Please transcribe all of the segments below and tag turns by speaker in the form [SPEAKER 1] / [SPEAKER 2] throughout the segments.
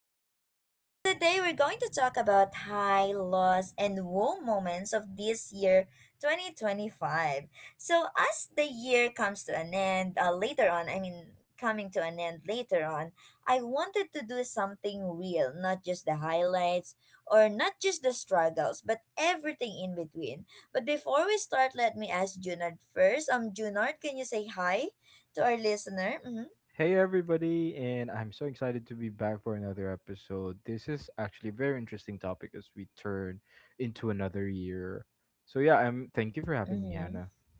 [SPEAKER 1] Junard. So today we're going to talk about high, lows, and woe moments of this year 2025. So as the year comes to an end, later on, I mean coming to an end later on, I wanted to do something real, not just the highlights or not just the struggles, but everything in between. But before we start, let me ask Junard first. Junard, can you say hi to our listener? Mm-hmm.
[SPEAKER 2] Hey everybody, and I'm so excited to be back for another episode. This is actually a very interesting topic as we turn into another year. So yeah, I'm thank you for having me,
[SPEAKER 1] Mm-hmm.
[SPEAKER 2] Hannah.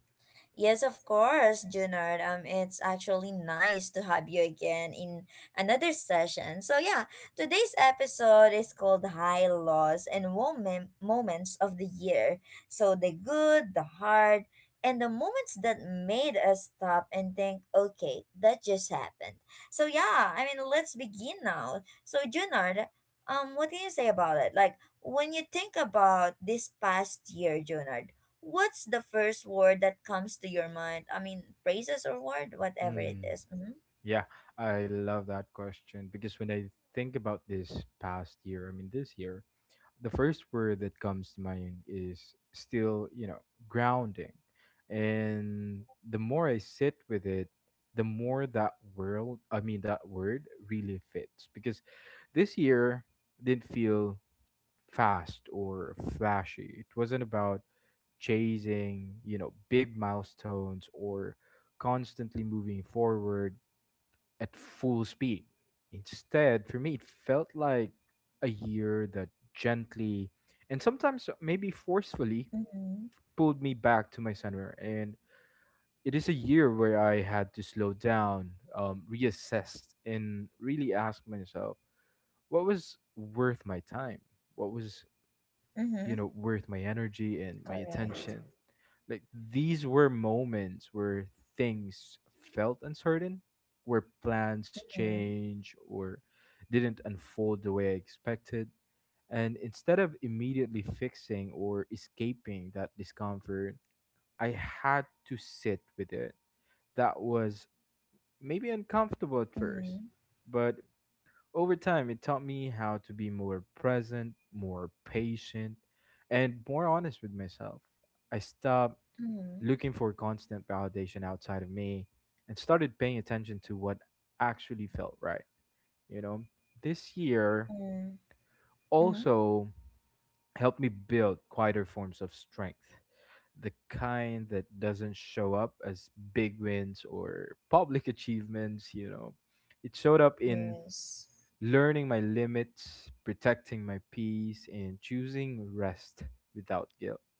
[SPEAKER 1] Yes, of course, Junard. It's actually nice to have you again in another session. So yeah, today's episode is called High Lows and Moments of the Year. So the good, the hard, and the moments that made us stop and think, okay, that just happened. So yeah, I mean, let's begin now. So Junard, what can you say about it? Like when you think about this past year, Junard, what's the first word that comes to your mind? I mean, phrases or word, whatever it is.
[SPEAKER 2] Mm,
[SPEAKER 1] Mm-hmm.
[SPEAKER 2] yeah, I love that question because when I think about this past year, I mean this year, the first word that comes to mind is still, grounding. And the more I sit with it, the more that world, I mean, that word really fits because this year didn't feel fast or flashy. It wasn't about chasing, big milestones or constantly moving forward at full speed. Instead, for me, it felt like a year that gently and sometimes maybe forcefully
[SPEAKER 1] Mm-hmm.
[SPEAKER 2] pulled me back to my center. And it is a year where I had to slow down, reassess, and really ask myself what was worth my time, what was
[SPEAKER 1] Mm-hmm.
[SPEAKER 2] worth my energy and my
[SPEAKER 1] Correct.
[SPEAKER 2] attention. Like these were moments where things felt uncertain, where plans
[SPEAKER 1] Mm-hmm.
[SPEAKER 2] change or didn't unfold the way I expected. And instead of immediately fixing or escaping that discomfort, I had to sit with it. That was maybe uncomfortable at
[SPEAKER 1] Mm-hmm.
[SPEAKER 2] first, but over time, it taught me how to be more present, more patient, and more honest with myself. I stopped
[SPEAKER 1] Mm-hmm.
[SPEAKER 2] looking for constant validation outside of me and started paying attention to what actually felt right. You know, this year
[SPEAKER 1] Mm-hmm. Mm-hmm.
[SPEAKER 2] also helped me build quieter forms of strength, the kind that doesn't show up as big wins or public achievements. It showed up in
[SPEAKER 1] Yes.
[SPEAKER 2] learning my limits, protecting my peace, and choosing rest without guilt.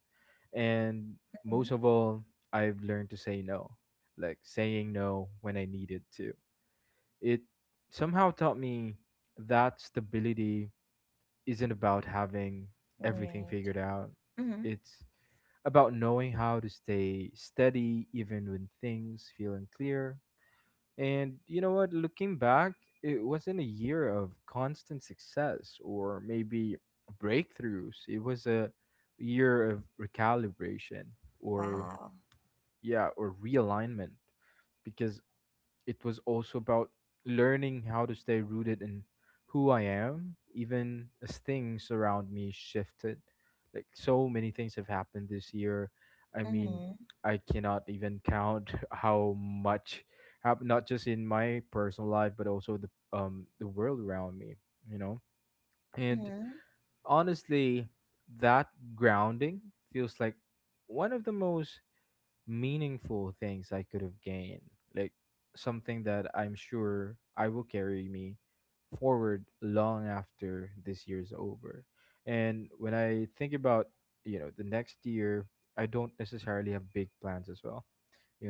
[SPEAKER 2] And
[SPEAKER 1] Mm-hmm.
[SPEAKER 2] most of all, I've learned to say no, like saying no when I needed to. It somehow taught me that stability isn't about having
[SPEAKER 1] Right.
[SPEAKER 2] everything figured out.
[SPEAKER 1] Mm-hmm.
[SPEAKER 2] It's about knowing how to stay steady even when things feel unclear. And you know what, looking back, it wasn't a year of constant success or maybe breakthroughs. It was a year of recalibration or,
[SPEAKER 1] Wow.
[SPEAKER 2] yeah, or realignment because it was also about learning how to stay rooted in who I am, even as things around me shifted. Like so many things have happened this year. I mean,
[SPEAKER 1] Mm-hmm.
[SPEAKER 2] I cannot even count how much happened, not just in my personal life, but also the world around me. You know, and
[SPEAKER 1] Mm-hmm.
[SPEAKER 2] honestly, that grounding feels like one of the most meaningful things I could have gained, like something that I'm sure I will carry me forward long after this year's over. And when I think about, the next year, I don't necessarily have big plans as well.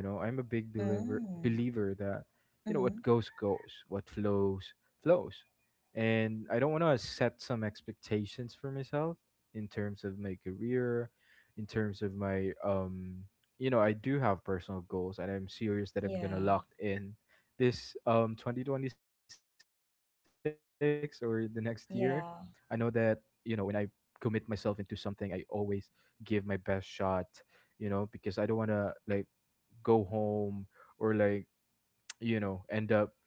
[SPEAKER 2] You know, I'm a big believer
[SPEAKER 1] Mm-hmm.
[SPEAKER 2] believer that,
[SPEAKER 1] Mm-hmm.
[SPEAKER 2] what goes goes, what flows flows. And I don't want to set some expectations for myself in terms of my career, in terms of my you know, I do have personal goals and I'm serious that I'm
[SPEAKER 1] Yeah.
[SPEAKER 2] gonna lock in this 2026 or the next year. I know that, when
[SPEAKER 1] Yeah.
[SPEAKER 2] I commit myself into something, I always give my best shot, because I don't wanna like go home or like, end up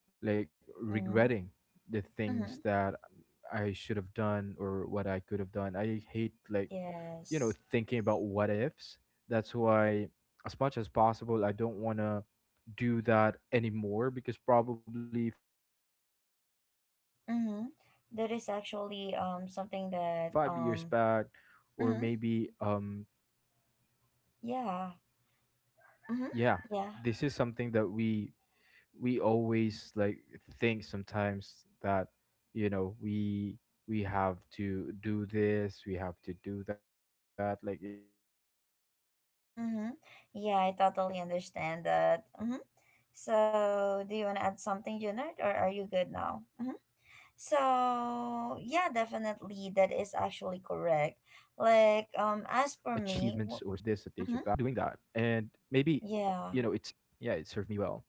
[SPEAKER 2] like regretting
[SPEAKER 1] Mm-hmm.
[SPEAKER 2] the things
[SPEAKER 1] Mm-hmm.
[SPEAKER 2] that I should have done or what I could have done. I hate like
[SPEAKER 1] Yes.
[SPEAKER 2] thinking about what ifs. That's why, as much as possible, I don't want to do that anymore because probably 5 years back or maybe
[SPEAKER 1] Mm-hmm. That is
[SPEAKER 2] 10 years.
[SPEAKER 1] actually something that mm-hmm,
[SPEAKER 2] Yeah, this is something that
[SPEAKER 1] yeah.
[SPEAKER 2] we
[SPEAKER 1] Mm-hmm.
[SPEAKER 2] always
[SPEAKER 1] Yeah.
[SPEAKER 2] like think sometimes that you know we have to do this, we have to do that, like it's like a rule to yourself that you need to achieve
[SPEAKER 1] Mm-hmm.
[SPEAKER 2] certain you know
[SPEAKER 1] Yeah, I
[SPEAKER 2] certain
[SPEAKER 1] totally understand
[SPEAKER 2] achievements
[SPEAKER 1] that.
[SPEAKER 2] or
[SPEAKER 1] Mm-hmm.
[SPEAKER 2] certain
[SPEAKER 1] So,
[SPEAKER 2] things in
[SPEAKER 1] do you want to
[SPEAKER 2] life
[SPEAKER 1] add
[SPEAKER 2] at the
[SPEAKER 1] something,
[SPEAKER 2] age of
[SPEAKER 1] Junard, or
[SPEAKER 2] this, at
[SPEAKER 1] are
[SPEAKER 2] the
[SPEAKER 1] you
[SPEAKER 2] age of
[SPEAKER 1] good
[SPEAKER 2] that.
[SPEAKER 1] now? Mm-hmm.
[SPEAKER 2] So
[SPEAKER 1] So,
[SPEAKER 2] I've
[SPEAKER 1] yeah,
[SPEAKER 2] stopped doing
[SPEAKER 1] definitely,
[SPEAKER 2] that.
[SPEAKER 1] that is
[SPEAKER 2] And
[SPEAKER 1] actually correct.
[SPEAKER 2] maybe,
[SPEAKER 1] Like,
[SPEAKER 2] you know, it
[SPEAKER 1] as for
[SPEAKER 2] served me
[SPEAKER 1] me,
[SPEAKER 2] well.
[SPEAKER 1] mhm,
[SPEAKER 2] Yeah, it served me well.
[SPEAKER 1] yeah.
[SPEAKER 2] How about you?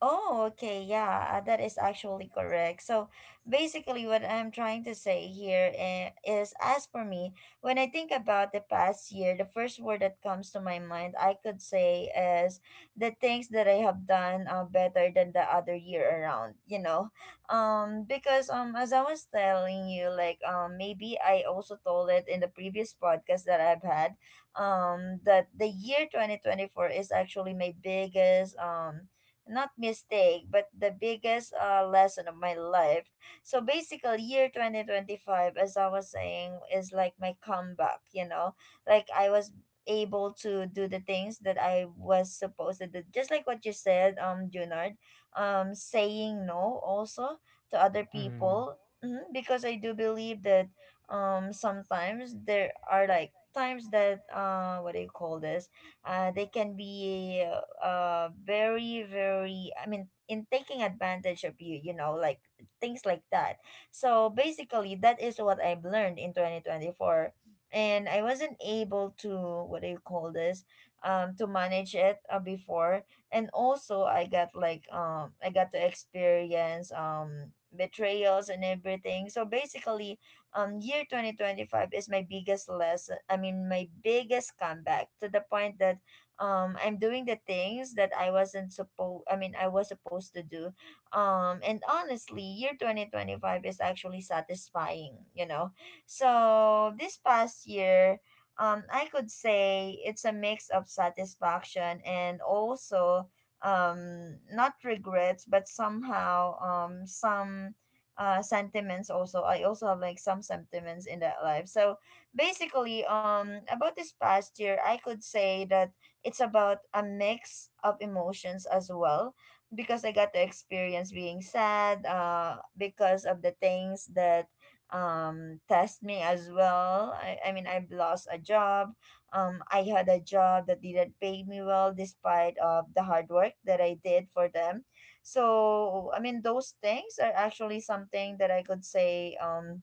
[SPEAKER 1] Oh, okay. Yeah, that is actually correct. So basically, what I'm trying to say here is, as for me, when I think about the past year, the first word that comes to my mind, I could say is the things that I have done better than the other year around, you know? Because as I was telling you, like maybe I also told it in the previous podcast that I've had, that the year 2024 is actually my biggest, not mistake, but the biggest lesson of my life. So basically, year 2025, as I was saying, is like my comeback, you know? Like I was able to do the things that I was supposed to do. Just like what you said, Junard, saying no also to other
[SPEAKER 2] Mm-hmm.
[SPEAKER 1] people. Hmm, because I do believe that sometimes there are like times that what do you call this, they can be very, I mean, in taking advantage of you, you know, like things like that. So basically, that is what I've learned in 2024, and I wasn't able to, what do you call this, to manage it before. And also I got like, I got to experience betrayals and everything. So basically, year 2025 is my biggest lesson, I mean my biggest comeback, to the point that I'm doing the things that I wasn't supposed, I mean I was supposed to do. And honestly, year 2025 is actually satisfying, you know. So this past year, I could say it's a mix of satisfaction and also not regrets, but somehow some sentiments, also I also have like some sentiments in that life. So basically about this past year, I could say that it's about a mix of emotions as well, because I got to experience being sad because of the things that test me as well. I mean, I've lost a job. I had a job that didn't pay me well despite of the hard work that I did for them. So I mean, those things are actually something that I could say, um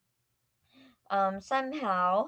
[SPEAKER 1] um somehow,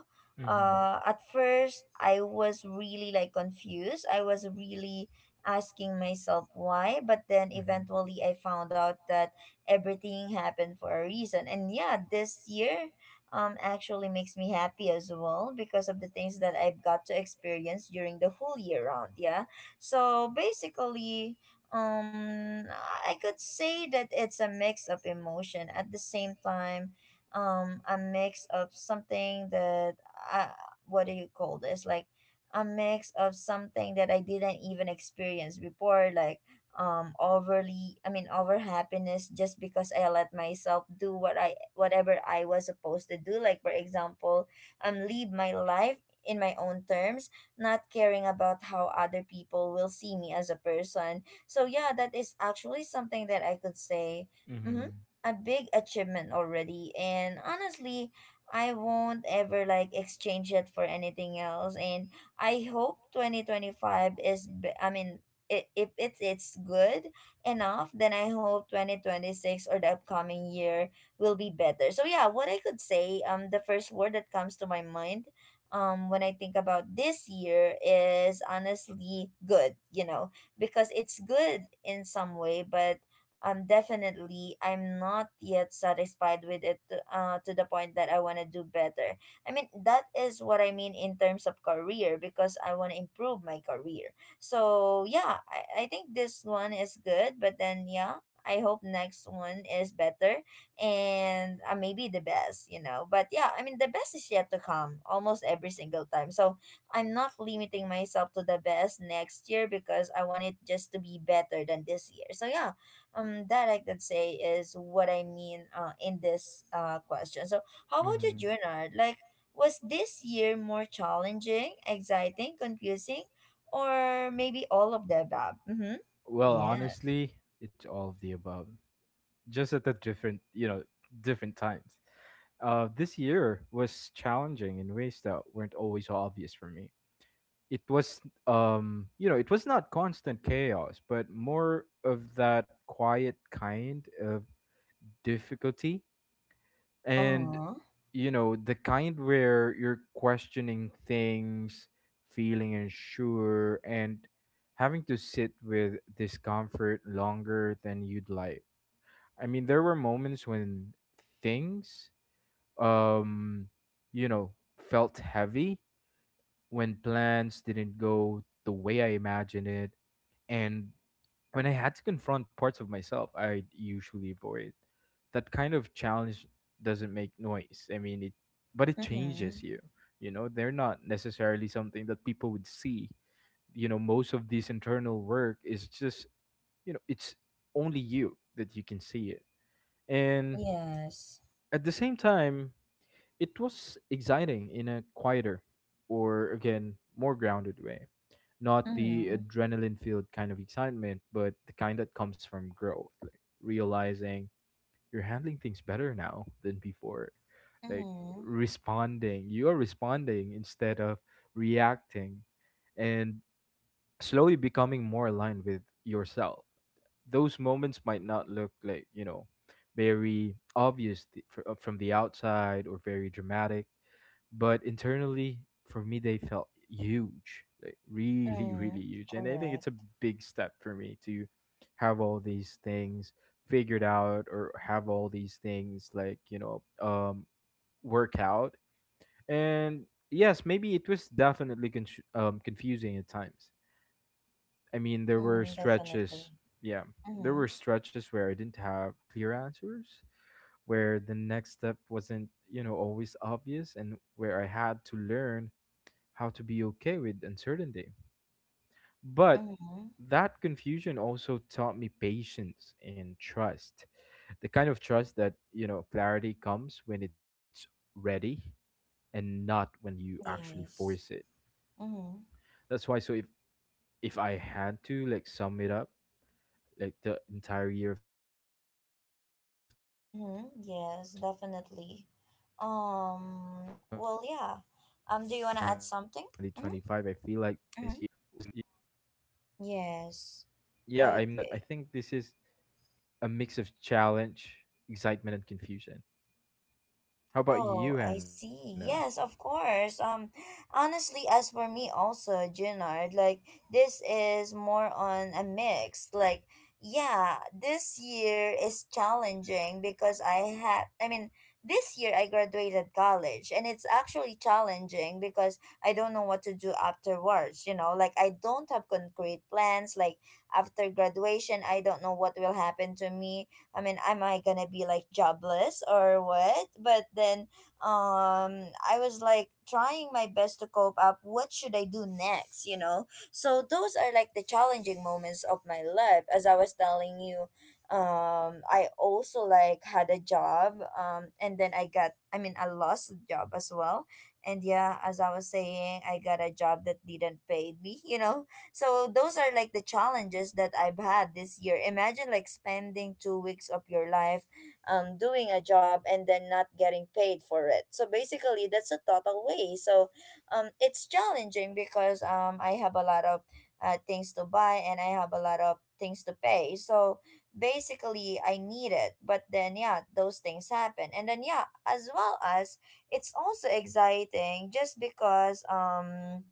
[SPEAKER 2] Mm-hmm.
[SPEAKER 1] at first I was really like confused, I was really asking myself why. But then
[SPEAKER 2] Mm-hmm.
[SPEAKER 1] eventually I found out that everything happened for a reason. And yeah, this year actually makes me happy as well because of the things that I've got to experience during the whole year round, yeah. So basically, um I could say that it's a mix of emotion. At the same time, a mix of something that I, what do you call this, like a mix of something that I didn't even experience before, like overly, I mean over happiness, just because I let myself do what I whatever I was supposed to do. Like for example, live my life in my own terms, not caring about how other people will see me as a person. So yeah, that is actually something that I could say mhm,
[SPEAKER 2] Mm-hmm.
[SPEAKER 1] a big achievement already. And honestly, I won't ever like exchange it for anything else. And I hope 2025 I mean if it's good enough, then I hope 2026 or the upcoming year will be better. So yeah, what I could say, the first word that comes to my mind when I think about this year is honestly good, you know, because it's good in some way. But definitely I'm not yet satisfied with it, to the point that I want to do better. I mean, that is what I mean in terms of career, because I want to improve my career. So yeah, I think this one is good, but then yeah, I hope next one is better, and maybe the best, you know. But yeah, I mean the best is yet to come almost every single time. So I'm not limiting myself to the best next year, because I want it just to be better than this year. So yeah, that I could say is what I mean in this question. So how about you,
[SPEAKER 2] Mhm.
[SPEAKER 1] Junard? Like was this year more challenging, exciting, confusing, or maybe all of the above? Mm-hmm.
[SPEAKER 2] Well,
[SPEAKER 1] Yes.
[SPEAKER 2] honestly, it's all of the above, just at the different, different times. This year was challenging in ways that weren't always obvious for me. It was, it was not constant chaos, but more of that quiet kind of difficulty, and
[SPEAKER 1] Uh-huh.
[SPEAKER 2] the kind where you're questioning things, feeling unsure, and having to sit with discomfort longer than you'd like. I mean, there were moments when things, um you know felt heavy, when plans didn't go the way I imagined it, and when I had to confront parts of myself I usually avoid. That kind of challenge doesn't make noise. I mean, but it
[SPEAKER 1] Mm-hmm.
[SPEAKER 2] changes you. You know, they're not necessarily something that people would see. You know, most of this internal work is just, it's only you that you can see it. And
[SPEAKER 1] Yes.
[SPEAKER 2] at the same time, it was exciting in a quieter or, again, more grounded way, not the
[SPEAKER 1] Mm-hmm.
[SPEAKER 2] adrenaline filled kind of excitement, but the kind that comes from growth, like realizing you're handling things better now than before, like
[SPEAKER 1] Mm-hmm.
[SPEAKER 2] you're responding instead of reacting, and slowly becoming more aligned with yourself. Those moments might not look like very obvious from the outside or very dramatic, but internally for me they felt huge, like really
[SPEAKER 1] Mm-hmm.
[SPEAKER 2] really huge, and I think
[SPEAKER 1] Correct.
[SPEAKER 2] it's a big step for me to have all these things figured out or have all these things like, work out. And yes, maybe it was definitely confusing at times. I mean, there
[SPEAKER 1] Mm,
[SPEAKER 2] were
[SPEAKER 1] definitely.
[SPEAKER 2] stretches, yeah, there
[SPEAKER 1] Mm-hmm.
[SPEAKER 2] were stretches where I didn't have clear answers, where the next step wasn't always obvious, and where I had to learn how to be okay with uncertainty. But
[SPEAKER 1] Mm-hmm.
[SPEAKER 2] that confusion also taught me patience and trust. The kind of trust that, clarity comes when it's ready and not when you actually force
[SPEAKER 1] Yes.
[SPEAKER 2] it.
[SPEAKER 1] Mm-hmm.
[SPEAKER 2] That's why, so if I had to like sum it up, like the entire year of 2025, I feel like this
[SPEAKER 1] Mm-hmm.
[SPEAKER 2] year
[SPEAKER 1] Yes,
[SPEAKER 2] was a
[SPEAKER 1] definitely.
[SPEAKER 2] mix. Yeah.
[SPEAKER 1] Well, yeah. Do you want to add something? Mm-hmm.
[SPEAKER 2] Yeah,
[SPEAKER 1] Mm-hmm.
[SPEAKER 2] I'm saying that I think this is
[SPEAKER 1] Yes.
[SPEAKER 2] a mix
[SPEAKER 1] Okay.
[SPEAKER 2] of challenge, excitement and confusion. How about you, Hannah?
[SPEAKER 1] Oh, I see. Yes, of course. Honestly, as for me also, Junard, like this is more on a mix. Like, yeah, this year is challenging because I had, I mean, this year I graduated college and it's actually challenging because I don't know what to do afterwards, you know, like I don't have concrete plans. Like after graduation, I don't know what will happen to me. I mean, am I gonna be like jobless or what? But then I was like trying my best to cope up. What should I do next, you know? So those are like the challenging moments of my life, as I was telling you. I also like had a job and then I mean I lost a job as well. And yeah, as I was saying, I got a job that didn't pay me, you know. So those are like the challenges that I've had this year. Imagine like spending 2 weeks of your life doing a job and then not getting paid for it. So basically that's a total waste. So it's challenging because I have a lot of things to buy and I have a lot of things to pay. So basically I need it. But then yeah, those things happen. And then yeah, as well as it's also exciting just because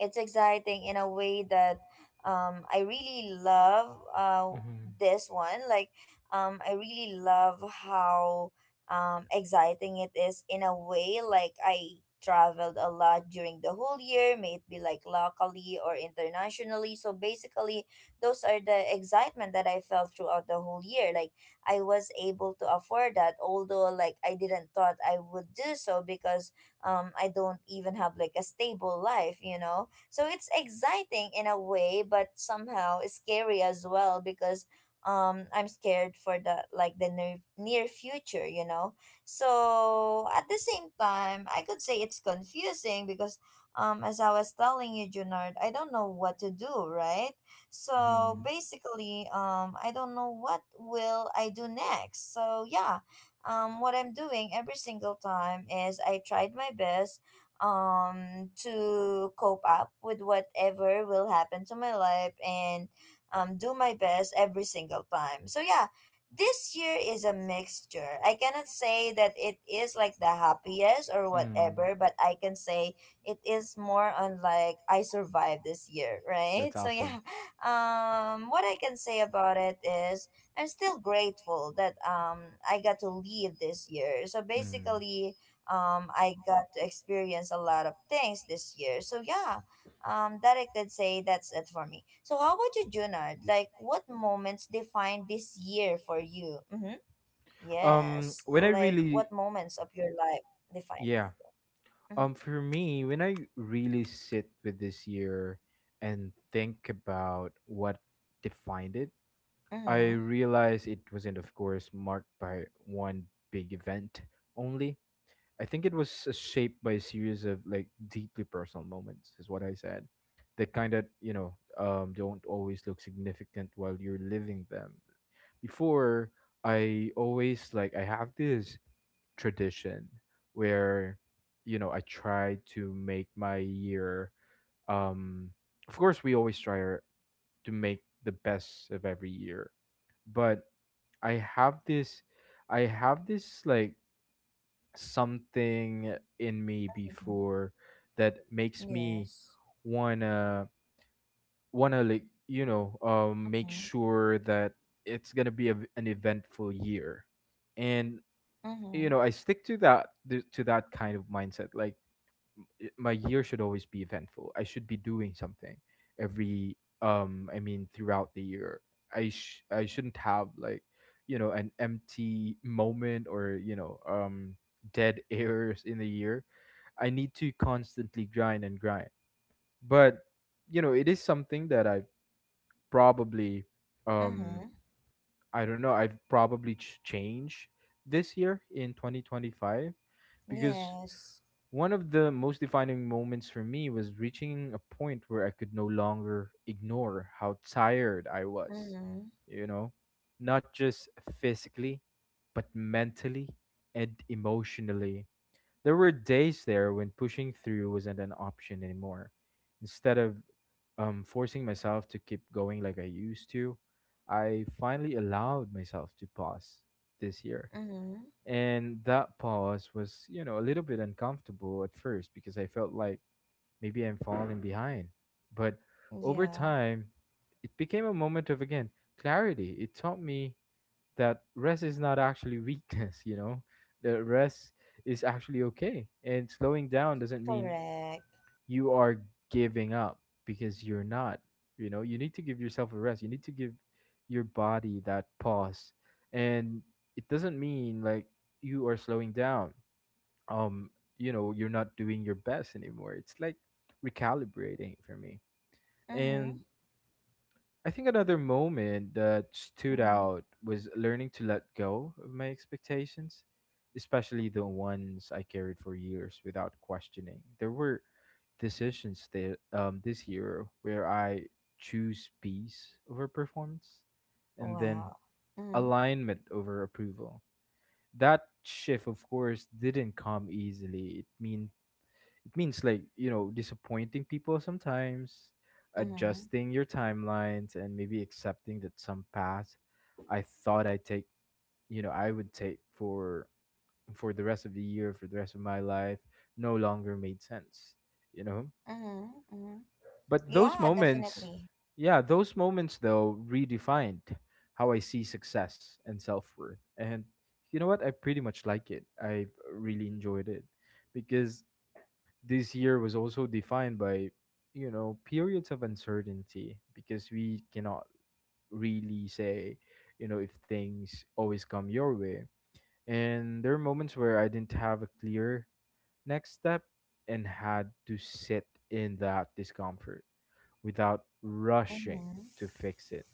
[SPEAKER 1] it's exciting in a way that I really love
[SPEAKER 2] Mm-hmm.
[SPEAKER 1] this one, like I really love how exciting it is in a way. Like I traveled a lot during the whole year, may it be like locally or internationally. So basically those are the excitement that I felt throughout the whole year. Like I was able to afford that, although like I didn't thought I would do so because I don't even have like a stable life, you know. So it's exciting in a way, but somehow scary as well because I'm scared for the like the near future, you know. So at the same time, I could say it's confusing because as I was telling you, Junard, I don't know what to do, right? So
[SPEAKER 2] Mm-hmm.
[SPEAKER 1] basically, I don't know what will I do next. So yeah, what I'm doing every single time is I tried my best to cope up with whatever will happen to my life, and do my best every single time. So yeah, this year is a mixture. I cannot say that it is like the happiest or
[SPEAKER 2] Mm.
[SPEAKER 1] whatever, but I can say it is more on like I survived this year, right?
[SPEAKER 2] That's
[SPEAKER 1] So yeah,
[SPEAKER 2] awesome.
[SPEAKER 1] what I can say about it is I'm still grateful that I got to leave this year. So
[SPEAKER 2] Mm.
[SPEAKER 1] basically, I got to experience a lot of things this year. So yeah, that I could say, that's it for me. So how about you, Junard? Like what moments define this year for you? Mm-hmm.
[SPEAKER 2] Um,
[SPEAKER 1] Yes.
[SPEAKER 2] when I
[SPEAKER 1] Like what
[SPEAKER 2] really,
[SPEAKER 1] moments of your life define
[SPEAKER 2] yeah.
[SPEAKER 1] it? Mm-hmm.
[SPEAKER 2] For me, when I really sit with this year and think about what defined it,
[SPEAKER 1] Mm-hmm.
[SPEAKER 2] I realized it wasn't, of course, marked by one big event only. I think it was shaped by a series of like deeply personal moments, is what I said. The kind that don't always look significant while you're living them. Before, I always like I have this tradition where I try to make my year. Um, of course, we always to make the best of every year, but I have this I have this like something in me
[SPEAKER 1] Mm-hmm.
[SPEAKER 2] before that makes me
[SPEAKER 1] Yes.
[SPEAKER 2] wanna wanna like make
[SPEAKER 1] Mm-hmm.
[SPEAKER 2] sure that it's gonna be an eventful year, and
[SPEAKER 1] Mm-hmm.
[SPEAKER 2] I stick to that to that kind of mindset, like my year should always be eventful. I should be doing something every, I mean throughout the year. I shouldn't have like an empty moment or dead airs in the year. I need to constantly grind and grind. But it is something that I probably, um
[SPEAKER 1] Mm-hmm.
[SPEAKER 2] I don't know, I've probably changed this year in 2025 because
[SPEAKER 1] Yes.
[SPEAKER 2] one of the most defining moments for me was reaching a point where I could no longer ignore how tired I was,
[SPEAKER 1] Mm-hmm.
[SPEAKER 2] you know, not just physically, but mentally and emotionally. There were days there when pushing through wasn't an option anymore. Instead of forcing myself to keep going like I used to, I finally allowed myself to pause this year,
[SPEAKER 1] Mm-hmm.
[SPEAKER 2] and that pause was, a little bit uncomfortable at first because I felt like maybe I'm falling behind. But over
[SPEAKER 1] Yeah.
[SPEAKER 2] time, it became a moment of, again, clarity. It taught me that rest is not actually weakness, that rest is actually okay. And slowing down doesn't mean
[SPEAKER 1] Correct.
[SPEAKER 2] you are giving up, because you're not. You know, you need to give yourself a rest, you need to give your body that pause. And it doesn't mean like you are slowing down, um you know, you're not doing your best anymore. It's like recalibrating for me.
[SPEAKER 1] Mm-hmm.
[SPEAKER 2] And I think another moment that stood
[SPEAKER 1] Mm-hmm.
[SPEAKER 2] out was learning to let go of my expectations, especially the ones I carried for years without questioning. There were decisions that this year where I choose peace over performance, and then
[SPEAKER 1] Wow. Mm-hmm.
[SPEAKER 2] alignment over approval. That shift of course didn't come easily. It means like, you know, disappointing people sometimes,
[SPEAKER 1] Mm-hmm.
[SPEAKER 2] adjusting your timelines, and maybe accepting that some path I thought I take, you know, I would take for the rest of the year, for the rest of my life, no longer made sense, you know.
[SPEAKER 1] Mm-hmm. Mm-hmm.
[SPEAKER 2] But those
[SPEAKER 1] Yeah,
[SPEAKER 2] moments,
[SPEAKER 1] definitely.
[SPEAKER 2] yeah, those moments though redefined how I see success and self-worth, and you know what, I pretty much like it, I really enjoyed it. Because this year was also defined by, you know, periods of uncertainty, because we cannot really say, you know, if things always come your way. And there are moments where I didn't have a clear next step and had to sit in that discomfort without rushing
[SPEAKER 1] Mm-hmm.
[SPEAKER 2] to fix it.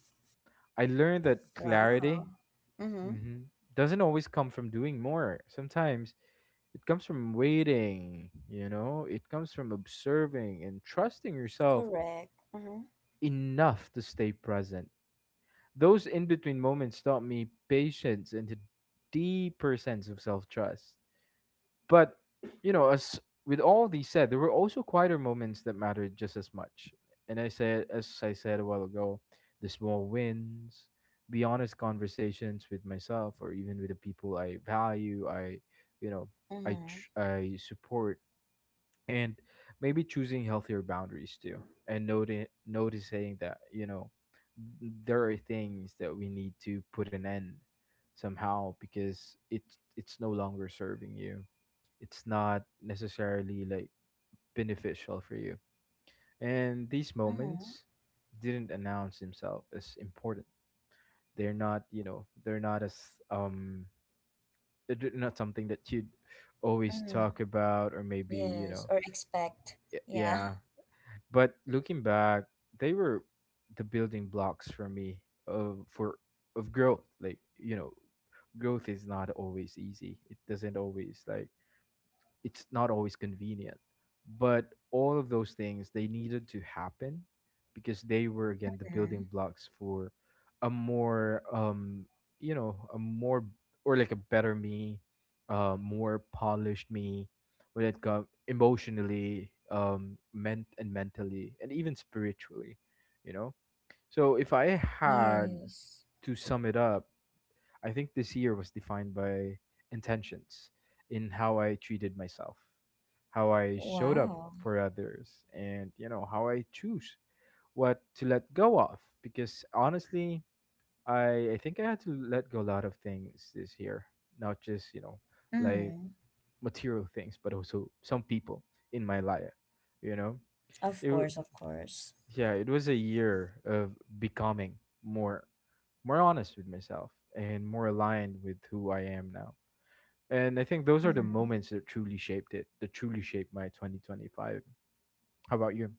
[SPEAKER 2] I learned that clarity,
[SPEAKER 1] Wow. Mm-hmm.
[SPEAKER 2] mhm, doesn't always come from doing more. Sometimes it comes from waiting, you know, it comes from observing and trusting yourself
[SPEAKER 1] Correct. Mm-hmm.
[SPEAKER 2] enough to stay present. Those in between moments taught me patience and a deeper sense of self trust. But, you know, as with all these said, there were also quieter moments that mattered just as much. And I said, as I said a while ago, the small wins, the honest conversations with myself or even with the people I value, I, you know, I
[SPEAKER 1] Mm-hmm.
[SPEAKER 2] tr- I support, and maybe choosing healthier boundaries too, and noticing that, you know, there are things that we need to put an end somehow, because it's no longer serving you, it's not necessarily like beneficial for you. And these
[SPEAKER 1] Mm-hmm.
[SPEAKER 2] moments didn't announce themselves as important. They're not, you know, they're not as um they're not something that you'd always
[SPEAKER 1] Mm-hmm.
[SPEAKER 2] talk about, or maybe, you
[SPEAKER 1] Yes,
[SPEAKER 2] know,
[SPEAKER 1] or expect.
[SPEAKER 2] y-
[SPEAKER 1] Yeah.
[SPEAKER 2] yeah But looking back, they were the building blocks for me of for of growth. Like, you know, growth is not always easy. It doesn't always like, it's not always convenient, but all of those things, they needed to happen because they were, again, the
[SPEAKER 1] Mm-hmm.
[SPEAKER 2] building blocks for a more you know, a more, or like a better me, uh, more polished me, when it comes emotionally, meant and mentally, and even spiritually, you know. So if I had
[SPEAKER 1] Yes.
[SPEAKER 2] to sum it up, I think this year was defined by intentions in how I treated myself, how I showed up
[SPEAKER 1] Wow.
[SPEAKER 2] for others, and you know, how I choose what to let go of. Because honestly, I think I had to let go a lot of things this year, not just, you know, like
[SPEAKER 1] Mm-hmm.
[SPEAKER 2] material things, but also some people in my life, you know? It,
[SPEAKER 1] Of
[SPEAKER 2] w-
[SPEAKER 1] course, of course.
[SPEAKER 2] yeah, it was a year of becoming more, more honest with myself, and more aligned with who I am now. And I think those are the
[SPEAKER 1] Mm-hmm.
[SPEAKER 2] moments that truly shaped it, that truly shaped my 2025. How about you?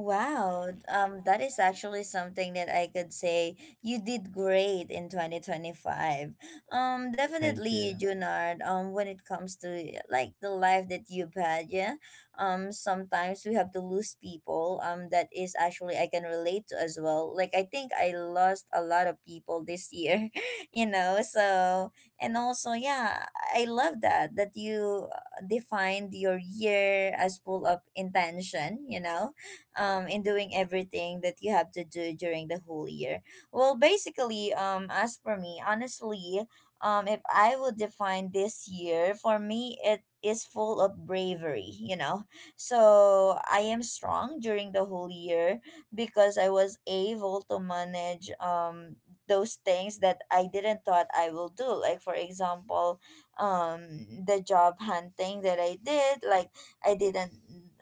[SPEAKER 1] Wow, that is actually something that I could say you did great in 2025.
[SPEAKER 2] Thank
[SPEAKER 1] Definitely,
[SPEAKER 2] you.
[SPEAKER 1] Junard, when it comes to like the life that you've had, yeah, sometimes we have to lose people, that is actually I can relate to as well. Like, I think I lost a lot of people this year, you know, so, and also, yeah, I love that, that you defined your year as full of intention, you know, in doing everything that you have to do during the whole year. Well, basically, as for me, honestly, if I would define this year for me, it is full of bravery, you know. So I am strong during the whole year because I was able to manage those things that I didn't thought I will do, like, for example, um the job hunting that I did. Like, I didn't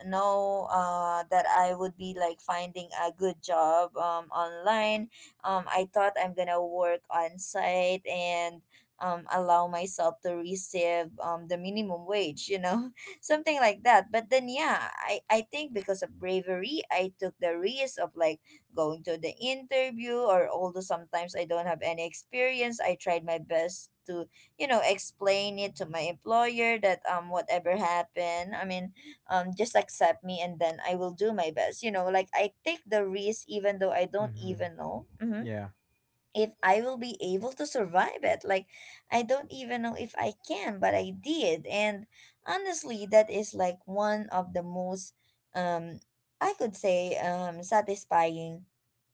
[SPEAKER 1] know that I would be like finding a good job online. I thought I'm gonna work on site and allow myself to receive the minimum wage, you know, something like that. But then, yeah, I think because of bravery, I took the risk of like going to the interview, or although sometimes I don't have any experience, I tried my best to, you know, explain it to my employer that whatever happened, I mean, just accept me, and then I will do my best, you know, like I take the risk even though I don't
[SPEAKER 2] Hmm.
[SPEAKER 1] even know. Mhm.
[SPEAKER 2] Yeah.
[SPEAKER 1] If I will be able to survive it. Like, I don't even know if I can, but I did. And honestly, that is like one of the most, um, I could say, satisfying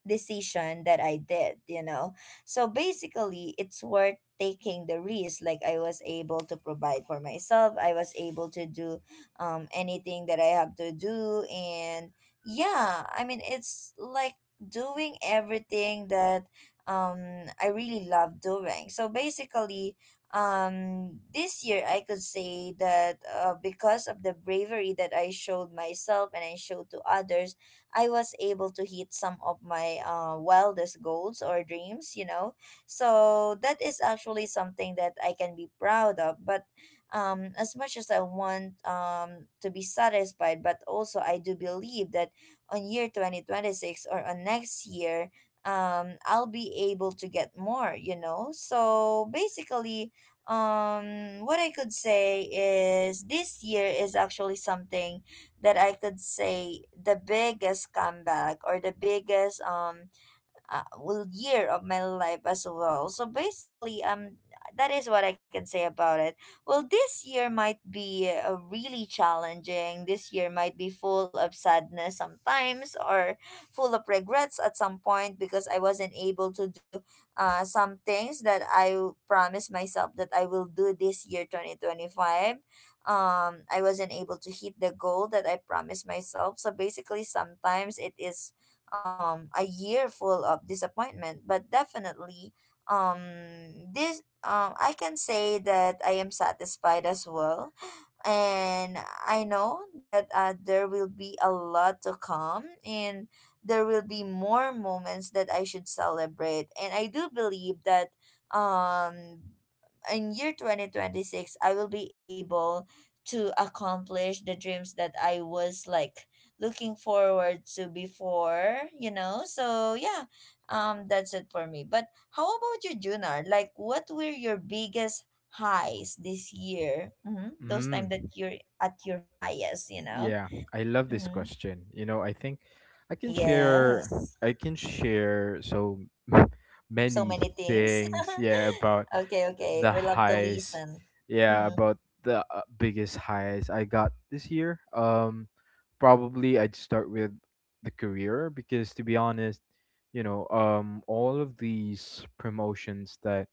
[SPEAKER 1] decision that I did, you know. So basically, it's worth taking the risk. Like, I was able to provide for myself, I was able to do anything that I have to do. And yeah, I mean, it's like doing everything that I really love doing. So basically, this year I could say that because of the bravery that I showed myself and I showed to others, I was able to hit some of my wildest goals or dreams, you know. So that is actually something that I can be proud of, but as much as I want to be satisfied, but also I do believe that on year 2026 or on next year, I'll be able to get more, you know? So basically, what I could say is this year is actually something that I could say the biggest comeback or the biggest well, year of my life as well. So basically, that is what I can say about it. Well, this year might be really challenging. This year might be full of sadness sometimes, or full of regrets at some point because I wasn't able to do some things that I promised myself that I will do this year, 2025. I wasn't able to hit the goal that I promised myself. So basically, sometimes it is a year full of disappointment, but definitely, um this I can say that I am satisfied as well. And I know that there will be a lot to come, and there will be more moments that I should celebrate, and I do believe that um in year 2026 I will be able to accomplish the dreams that I was like looking forward to before, you know. So yeah, that's it for me. But how about you, Junar? Like, what were your biggest highs this year? Hmm. Those time
[SPEAKER 2] Mm.
[SPEAKER 1] that you're at your highest, you know.
[SPEAKER 2] Yeah, I love this
[SPEAKER 1] Hmm.
[SPEAKER 2] question. You know, I think I can share
[SPEAKER 1] Yes,
[SPEAKER 2] I can share so
[SPEAKER 1] so
[SPEAKER 2] many
[SPEAKER 1] many things.
[SPEAKER 2] things, yeah, about
[SPEAKER 1] Okay, okay.
[SPEAKER 2] the
[SPEAKER 1] We love to
[SPEAKER 2] highs.
[SPEAKER 1] listen.
[SPEAKER 2] Yeah,
[SPEAKER 1] Mm-hmm.
[SPEAKER 2] about the biggest highs I got this year. Probably I'd start with the career, because to be honest, you know, all of these promotions that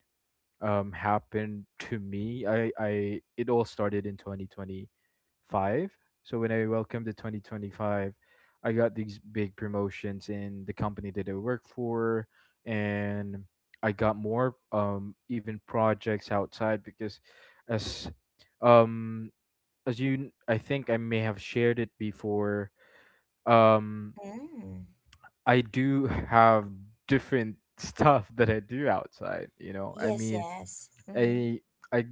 [SPEAKER 2] happened to me, I it all started in 2025. So when I welcomed the 2025, I got these big promotions in the company that I work for. And I got more even projects outside because as um as you I think I may have shared it before, um
[SPEAKER 1] Mm.
[SPEAKER 2] I do have different stuff that I do outside, you know. I
[SPEAKER 1] Yes,
[SPEAKER 2] mean,
[SPEAKER 1] yes. Mm-hmm.
[SPEAKER 2] I I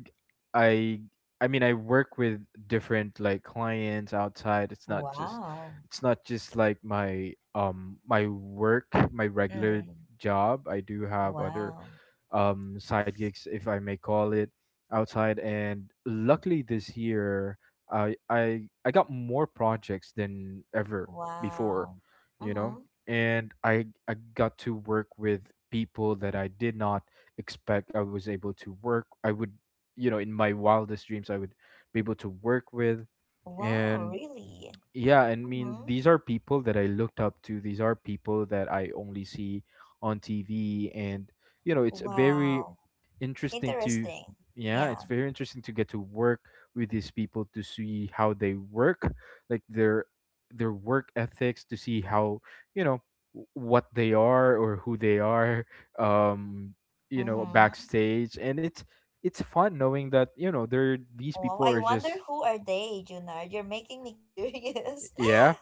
[SPEAKER 2] I I mean I work with different like clients outside.
[SPEAKER 1] Wow.
[SPEAKER 2] It's not just like my my work, my regular
[SPEAKER 1] Mm.
[SPEAKER 2] job. I do have other,
[SPEAKER 1] Wow.
[SPEAKER 2] side gigs, if I may call it, outside. And luckily this year, I got more projects than ever before,
[SPEAKER 1] Wow.
[SPEAKER 2] you know,
[SPEAKER 1] Mm-hmm.
[SPEAKER 2] and I got to work with people that I did not expect I was able to work. I would, you know, in my wildest dreams, I would be able to work with,
[SPEAKER 1] Wow,
[SPEAKER 2] and
[SPEAKER 1] really?
[SPEAKER 2] yeah, I mean,
[SPEAKER 1] Mm-hmm.
[SPEAKER 2] these are people that I looked up to. These are people that I only see on TV, and you know, it's a very
[SPEAKER 1] Wow.
[SPEAKER 2] interesting to,
[SPEAKER 1] Interesting.
[SPEAKER 2] yeah, it's
[SPEAKER 1] Yeah.
[SPEAKER 2] very interesting to get to work with these people, to see how they work, like their work ethics, to see how, you know, what they are, or who they are, um, you know,
[SPEAKER 1] Mm-hmm.
[SPEAKER 2] backstage. And it's fun knowing that, you know, they're these
[SPEAKER 1] Wow.
[SPEAKER 2] people
[SPEAKER 1] I
[SPEAKER 2] are
[SPEAKER 1] wonder
[SPEAKER 2] just,
[SPEAKER 1] who are they, Junard? You're making me curious.
[SPEAKER 2] yeah.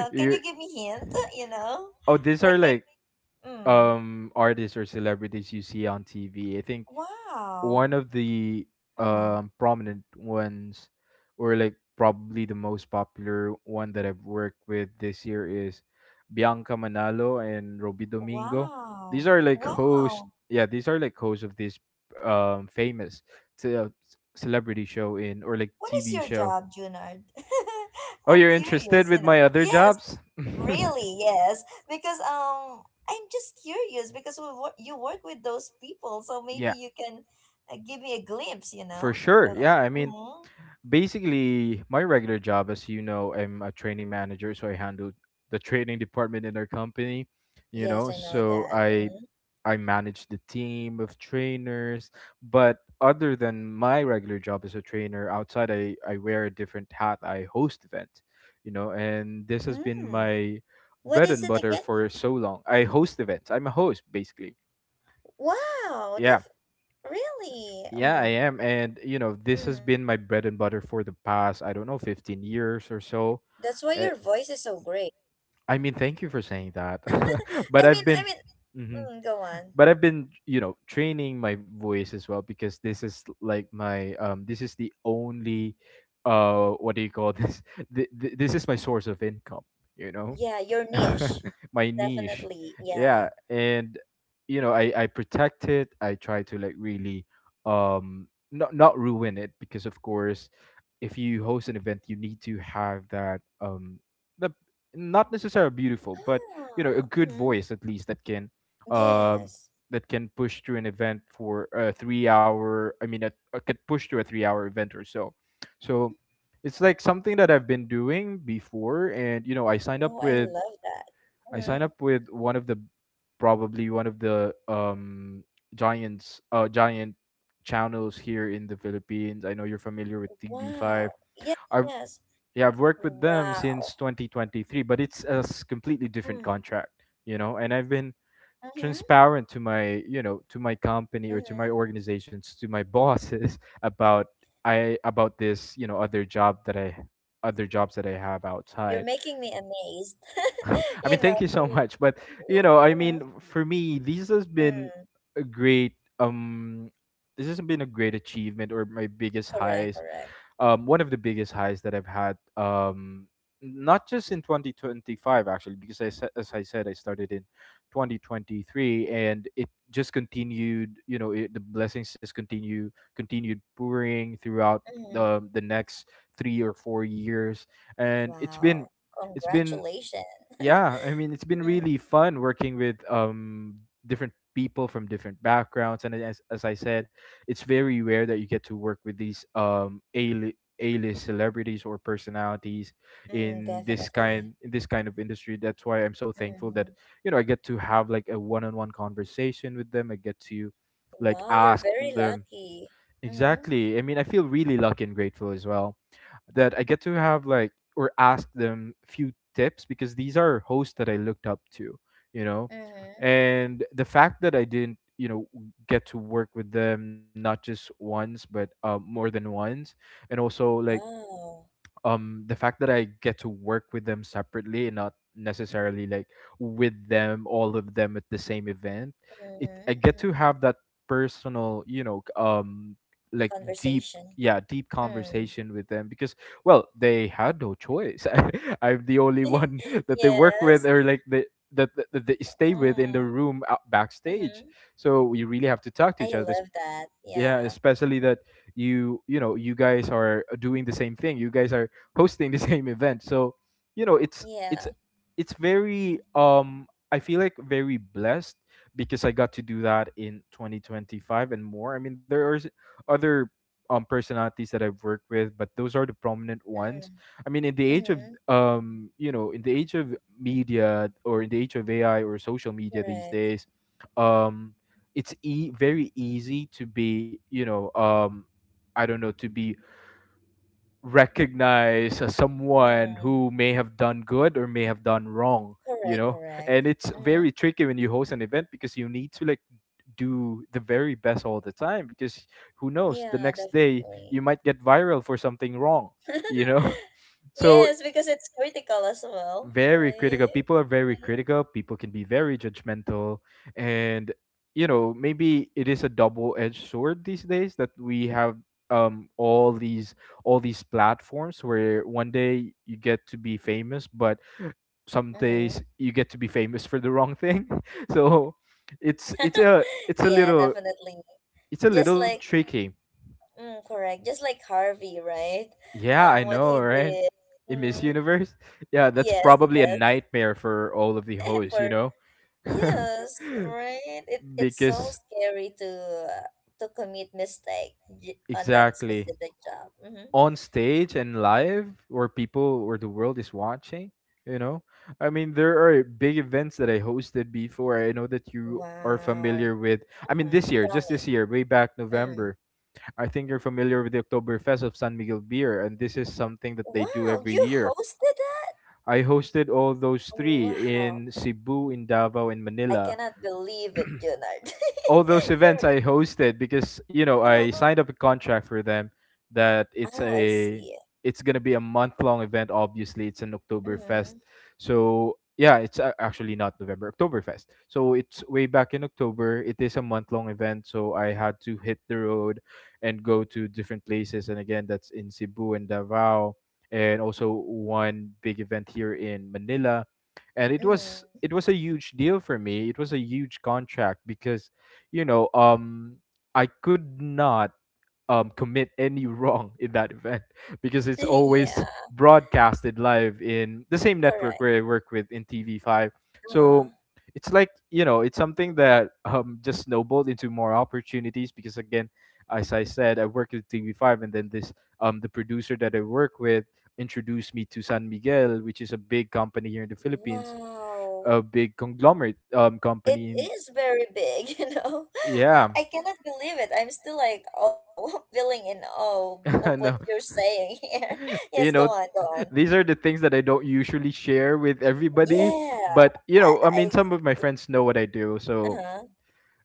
[SPEAKER 1] Can
[SPEAKER 2] you
[SPEAKER 1] you give me hint? You know,
[SPEAKER 2] Oh, these
[SPEAKER 1] like
[SPEAKER 2] are like,
[SPEAKER 1] maybe. Mm,
[SPEAKER 2] um, artists or celebrities you see on TV, I think. One
[SPEAKER 1] wow.
[SPEAKER 2] of the,
[SPEAKER 1] Mm,
[SPEAKER 2] prominent ones, or like probably the most popular one that I've worked with this year, is Bianca Manalo and Roby Domingo. These
[SPEAKER 1] wow.
[SPEAKER 2] are like hosts.
[SPEAKER 1] Wow.
[SPEAKER 2] Yeah, these are like hosts of this, famous celebrity show in, or like
[SPEAKER 1] What is
[SPEAKER 2] TV
[SPEAKER 1] your
[SPEAKER 2] show.
[SPEAKER 1] job, Junard?
[SPEAKER 2] Oh,
[SPEAKER 1] I'm
[SPEAKER 2] you're interested
[SPEAKER 1] curious.
[SPEAKER 2] with
[SPEAKER 1] You know.
[SPEAKER 2] my other
[SPEAKER 1] Yes.
[SPEAKER 2] jobs?
[SPEAKER 1] Really. Yes. Because I'm just curious because you work with those people, so maybe
[SPEAKER 2] Yeah,
[SPEAKER 1] you can give me a glimpse. You
[SPEAKER 2] for
[SPEAKER 1] know.
[SPEAKER 2] sure.
[SPEAKER 1] Uh,
[SPEAKER 2] Yeah, I mean,
[SPEAKER 1] mm-hmm.
[SPEAKER 2] basically, my regular job, as you know, I'm a training manager, so I handle the training department in our company, you
[SPEAKER 1] Yes,
[SPEAKER 2] know.
[SPEAKER 1] I know
[SPEAKER 2] So
[SPEAKER 1] that.
[SPEAKER 2] I
[SPEAKER 1] Mm-hmm.
[SPEAKER 2] I manage the team of trainers, but other than my regular job as a trainer, outside I wear a different hat. I host events, you know, and this has been
[SPEAKER 1] Mm.
[SPEAKER 2] my
[SPEAKER 1] What
[SPEAKER 2] bread
[SPEAKER 1] is
[SPEAKER 2] and
[SPEAKER 1] it
[SPEAKER 2] butter
[SPEAKER 1] again?
[SPEAKER 2] for so long. I host events. I'm a host basically.
[SPEAKER 1] Wow.
[SPEAKER 2] Yeah
[SPEAKER 1] Really?
[SPEAKER 2] yeah, I
[SPEAKER 1] Mm.
[SPEAKER 2] am. And, you know, this has
[SPEAKER 1] Mm,
[SPEAKER 2] been my bread and butter for the past, I don't know, 15 years or so.
[SPEAKER 1] that's why
[SPEAKER 2] Eh,
[SPEAKER 1] your voice is so great.
[SPEAKER 2] I mean, thank you for saying that.
[SPEAKER 1] I
[SPEAKER 2] But
[SPEAKER 1] mean,
[SPEAKER 2] I've
[SPEAKER 1] I
[SPEAKER 2] been,
[SPEAKER 1] mean,
[SPEAKER 2] Mhm.
[SPEAKER 1] mm, go on.
[SPEAKER 2] But I've been, you know, training my voice as well, because this is like my, this is the only, what do you call this? This is my source of income, you know?
[SPEAKER 1] Yeah, your niche,
[SPEAKER 2] My niche,
[SPEAKER 1] definitely.
[SPEAKER 2] yeah.
[SPEAKER 1] Yeah.
[SPEAKER 2] And you know, I protect it, I try to like really, um, not ruin it, because of course, if you host an event, you need to have that, um, the, not necessarily beautiful, but, you know, a
[SPEAKER 1] Ah,
[SPEAKER 2] good
[SPEAKER 1] mm-hmm.
[SPEAKER 2] voice at least that can, um,
[SPEAKER 1] Yes.
[SPEAKER 2] that can push through an event for a 3 hour, I mean a could push through a 3-hour event or so. So
[SPEAKER 1] Mm-hmm.
[SPEAKER 2] it's like something that I've been doing before, and you know,
[SPEAKER 1] Oh, I love that.
[SPEAKER 2] I
[SPEAKER 1] Mm-hmm.
[SPEAKER 2] signed up with one of the, probably one of the, um, giant channels here in the Philippines. I know you're familiar with TV5.
[SPEAKER 1] Wow. Yes,
[SPEAKER 2] I've
[SPEAKER 1] yes.
[SPEAKER 2] Yeah, I've worked with them
[SPEAKER 1] Wow.
[SPEAKER 2] since 2023, but it's a completely different
[SPEAKER 1] Mm,
[SPEAKER 2] contract, you know, and I've been
[SPEAKER 1] mm-hmm.
[SPEAKER 2] transparent to my, you know, to my company or to
[SPEAKER 1] Mm-hmm.
[SPEAKER 2] my organizations, to my bosses about I about this, you know, other job that I other jobs that I have
[SPEAKER 1] You're
[SPEAKER 2] outside.
[SPEAKER 1] making me amazed.
[SPEAKER 2] I mean,
[SPEAKER 1] You know.
[SPEAKER 2] thank you so much. But you know, I
[SPEAKER 1] Mm-hmm.
[SPEAKER 2] mean, for me, this has been
[SPEAKER 1] Mm,
[SPEAKER 2] a great, um, this has been a great achievement, or my biggest
[SPEAKER 1] correct,
[SPEAKER 2] highs.
[SPEAKER 1] correct.
[SPEAKER 2] One of the biggest highs that I've had. Not just in 2025 actually, because as I said, I started in 2023 and it just continued, you know, it, the blessings just continued pouring throughout
[SPEAKER 1] Mm-hmm.
[SPEAKER 2] the next 3 or 4 years, and
[SPEAKER 1] Wow.
[SPEAKER 2] it's been,
[SPEAKER 1] Congratulations.
[SPEAKER 2] yeah, I mean, it's been really fun working with, um, different people from different backgrounds. And as I said, it's very rare that you get to work with these, um, a A-list celebrities or personalities
[SPEAKER 1] Mm,
[SPEAKER 2] in this
[SPEAKER 1] definitely.
[SPEAKER 2] kind, in this kind of industry. That's why I'm so thankful that,
[SPEAKER 1] Hmm.
[SPEAKER 2] you know, I get to have like a one-on-one conversation with them, I get to like
[SPEAKER 1] Wow, you're
[SPEAKER 2] ask
[SPEAKER 1] very
[SPEAKER 2] them.
[SPEAKER 1] lucky. Mm-hmm.
[SPEAKER 2] Exactly. I mean, I feel really lucky and grateful as well that I get to have like, or ask them few tips, because these are hosts that I looked up to, you know.
[SPEAKER 1] Mm-hmm.
[SPEAKER 2] And the fact that I didn't, you know, get to work with them not just once but, more than once, and also like,
[SPEAKER 1] Wow.
[SPEAKER 2] um, the fact that I get to work with them separately and not necessarily like with them all of them at the same event, it,
[SPEAKER 1] Mm-hmm.
[SPEAKER 2] I get to
[SPEAKER 1] Mm-hmm.
[SPEAKER 2] have that personal, you know, um, like deep
[SPEAKER 1] Conversation.
[SPEAKER 2] yeah, deep
[SPEAKER 1] Mm.
[SPEAKER 2] conversation with them, because well, they had no choice. I, I'm the only one that they work with,
[SPEAKER 1] Yes.
[SPEAKER 2] or like they, that they stay with in the
[SPEAKER 1] Mm.
[SPEAKER 2] room, out
[SPEAKER 1] Mm-hmm.
[SPEAKER 2] backstage, so we really have to talk to
[SPEAKER 1] I
[SPEAKER 2] each other
[SPEAKER 1] love that.
[SPEAKER 2] yeah,
[SPEAKER 1] Yeah.
[SPEAKER 2] especially that you know, you guys are doing the same thing, you guys are hosting the same event. So, you know, it's
[SPEAKER 1] Yeah.
[SPEAKER 2] it's it's very, um, I feel like very blessed because I got to do that in 2025 and more. I mean, there are other, um, personalities that I've worked with, but those are the prominent ones.
[SPEAKER 1] Mm.
[SPEAKER 2] I mean, in the age of
[SPEAKER 1] Mm-hmm.
[SPEAKER 2] in the age of media or in the age of AI or social media these
[SPEAKER 1] Correct.
[SPEAKER 2] days, um, very easy to be, I don't know, to be recognize as someone
[SPEAKER 1] Mm.
[SPEAKER 2] who may have done good or may have done wrong you
[SPEAKER 1] Correct,
[SPEAKER 2] know
[SPEAKER 1] correct.
[SPEAKER 2] and it's
[SPEAKER 1] Mm-hmm.
[SPEAKER 2] very tricky when you host an event because you need to like do the very best all the time because who knows the
[SPEAKER 1] Yeah,
[SPEAKER 2] next day
[SPEAKER 1] definitely.
[SPEAKER 2] you might get viral for something wrong, you know? So
[SPEAKER 1] Yes, because it's critical as well,
[SPEAKER 2] very critical.
[SPEAKER 1] right?
[SPEAKER 2] People are very critical. People can be very judgmental, and maybe it is a double-edged sword these days that we have um all these all these platforms where one day you get to be famous, but some days
[SPEAKER 1] Mm-hmm.
[SPEAKER 2] you get to be famous for the wrong thing. so it's it's a
[SPEAKER 1] Yeah, definitely.
[SPEAKER 2] it's a
[SPEAKER 1] Just
[SPEAKER 2] little
[SPEAKER 1] like,
[SPEAKER 2] tricky.
[SPEAKER 1] mm, correct. Just like Harvey, right?
[SPEAKER 2] Yeah, I
[SPEAKER 1] What
[SPEAKER 2] know,
[SPEAKER 1] he
[SPEAKER 2] right?
[SPEAKER 1] did.
[SPEAKER 2] In Miss
[SPEAKER 1] Mm,
[SPEAKER 2] Universe? Yeah, that's
[SPEAKER 1] yes,
[SPEAKER 2] probably a
[SPEAKER 1] yes.
[SPEAKER 2] nightmare for all of the hosts, you
[SPEAKER 1] For
[SPEAKER 2] know?
[SPEAKER 1] yes, right. It's so
[SPEAKER 2] because
[SPEAKER 1] scary uh, to commit mistake on that
[SPEAKER 2] exactly
[SPEAKER 1] specific job. Mm-hmm.
[SPEAKER 2] on stage and live where people where the world is watching, you know? I mean, there are big events that I hosted before. I know that you are
[SPEAKER 1] Wow.
[SPEAKER 2] familiar with. I mean,
[SPEAKER 1] Mm,
[SPEAKER 2] this year,
[SPEAKER 1] tell
[SPEAKER 2] just
[SPEAKER 1] me.
[SPEAKER 2] this year, way back
[SPEAKER 1] Mm.
[SPEAKER 2] November, I think you're familiar with the Oktoberfest of San Miguel Beer, and this is something that they do
[SPEAKER 1] Wow,
[SPEAKER 2] every
[SPEAKER 1] you
[SPEAKER 2] year.
[SPEAKER 1] hosted that?
[SPEAKER 2] I hosted all those three
[SPEAKER 1] Wow.
[SPEAKER 2] in Cebu, in Davao, and
[SPEAKER 1] I
[SPEAKER 2] Manila.
[SPEAKER 1] cannot believe it, Junard.
[SPEAKER 2] All those events
[SPEAKER 1] You're.
[SPEAKER 2] I hosted because, you know, I
[SPEAKER 1] Uh.
[SPEAKER 2] signed up a contract for them, that
[SPEAKER 1] Oh, I see.
[SPEAKER 2] it's gonna be a month long event. Obviously, it's an Oktoberfest,
[SPEAKER 1] Mm-hmm.
[SPEAKER 2] so yeah, actually not November Oktoberfest. So it's way back in October. It is a month long event, so I had to hit the road and go to different places. And again, that's in Cebu and Davao, and also one big event here in Manila. And it was
[SPEAKER 1] Mm.
[SPEAKER 2] it was a huge deal for me. It was a huge contract because, you know, um, I could not commit any wrong in that event because it's always
[SPEAKER 1] Yeah,
[SPEAKER 2] broadcasted live in the same network
[SPEAKER 1] correct.
[SPEAKER 2] where I work with in TV5.
[SPEAKER 1] Uh-huh.
[SPEAKER 2] So it's like, you know, it's something that just snowballed into more opportunities because, again, as I said, I work with TV5, and then the producer that I work with introduced me to San Miguel, which is a big company here in the Philippines,
[SPEAKER 1] Wow.
[SPEAKER 2] a big conglomerate
[SPEAKER 1] It
[SPEAKER 2] company. And
[SPEAKER 1] is very big, you know.
[SPEAKER 2] yeah,
[SPEAKER 1] I cannot believe it. I'm still like, oh, feeling in awe of
[SPEAKER 2] no.
[SPEAKER 1] what you're saying here.
[SPEAKER 2] you
[SPEAKER 1] Yes, go
[SPEAKER 2] know
[SPEAKER 1] on, go on.
[SPEAKER 2] these are the things that I don't usually share with everybody,
[SPEAKER 1] Yeah,
[SPEAKER 2] but you
[SPEAKER 1] I,
[SPEAKER 2] know, I mean,
[SPEAKER 1] I
[SPEAKER 2] some of my
[SPEAKER 1] see.
[SPEAKER 2] friends know what I do. So
[SPEAKER 1] Uh-huh.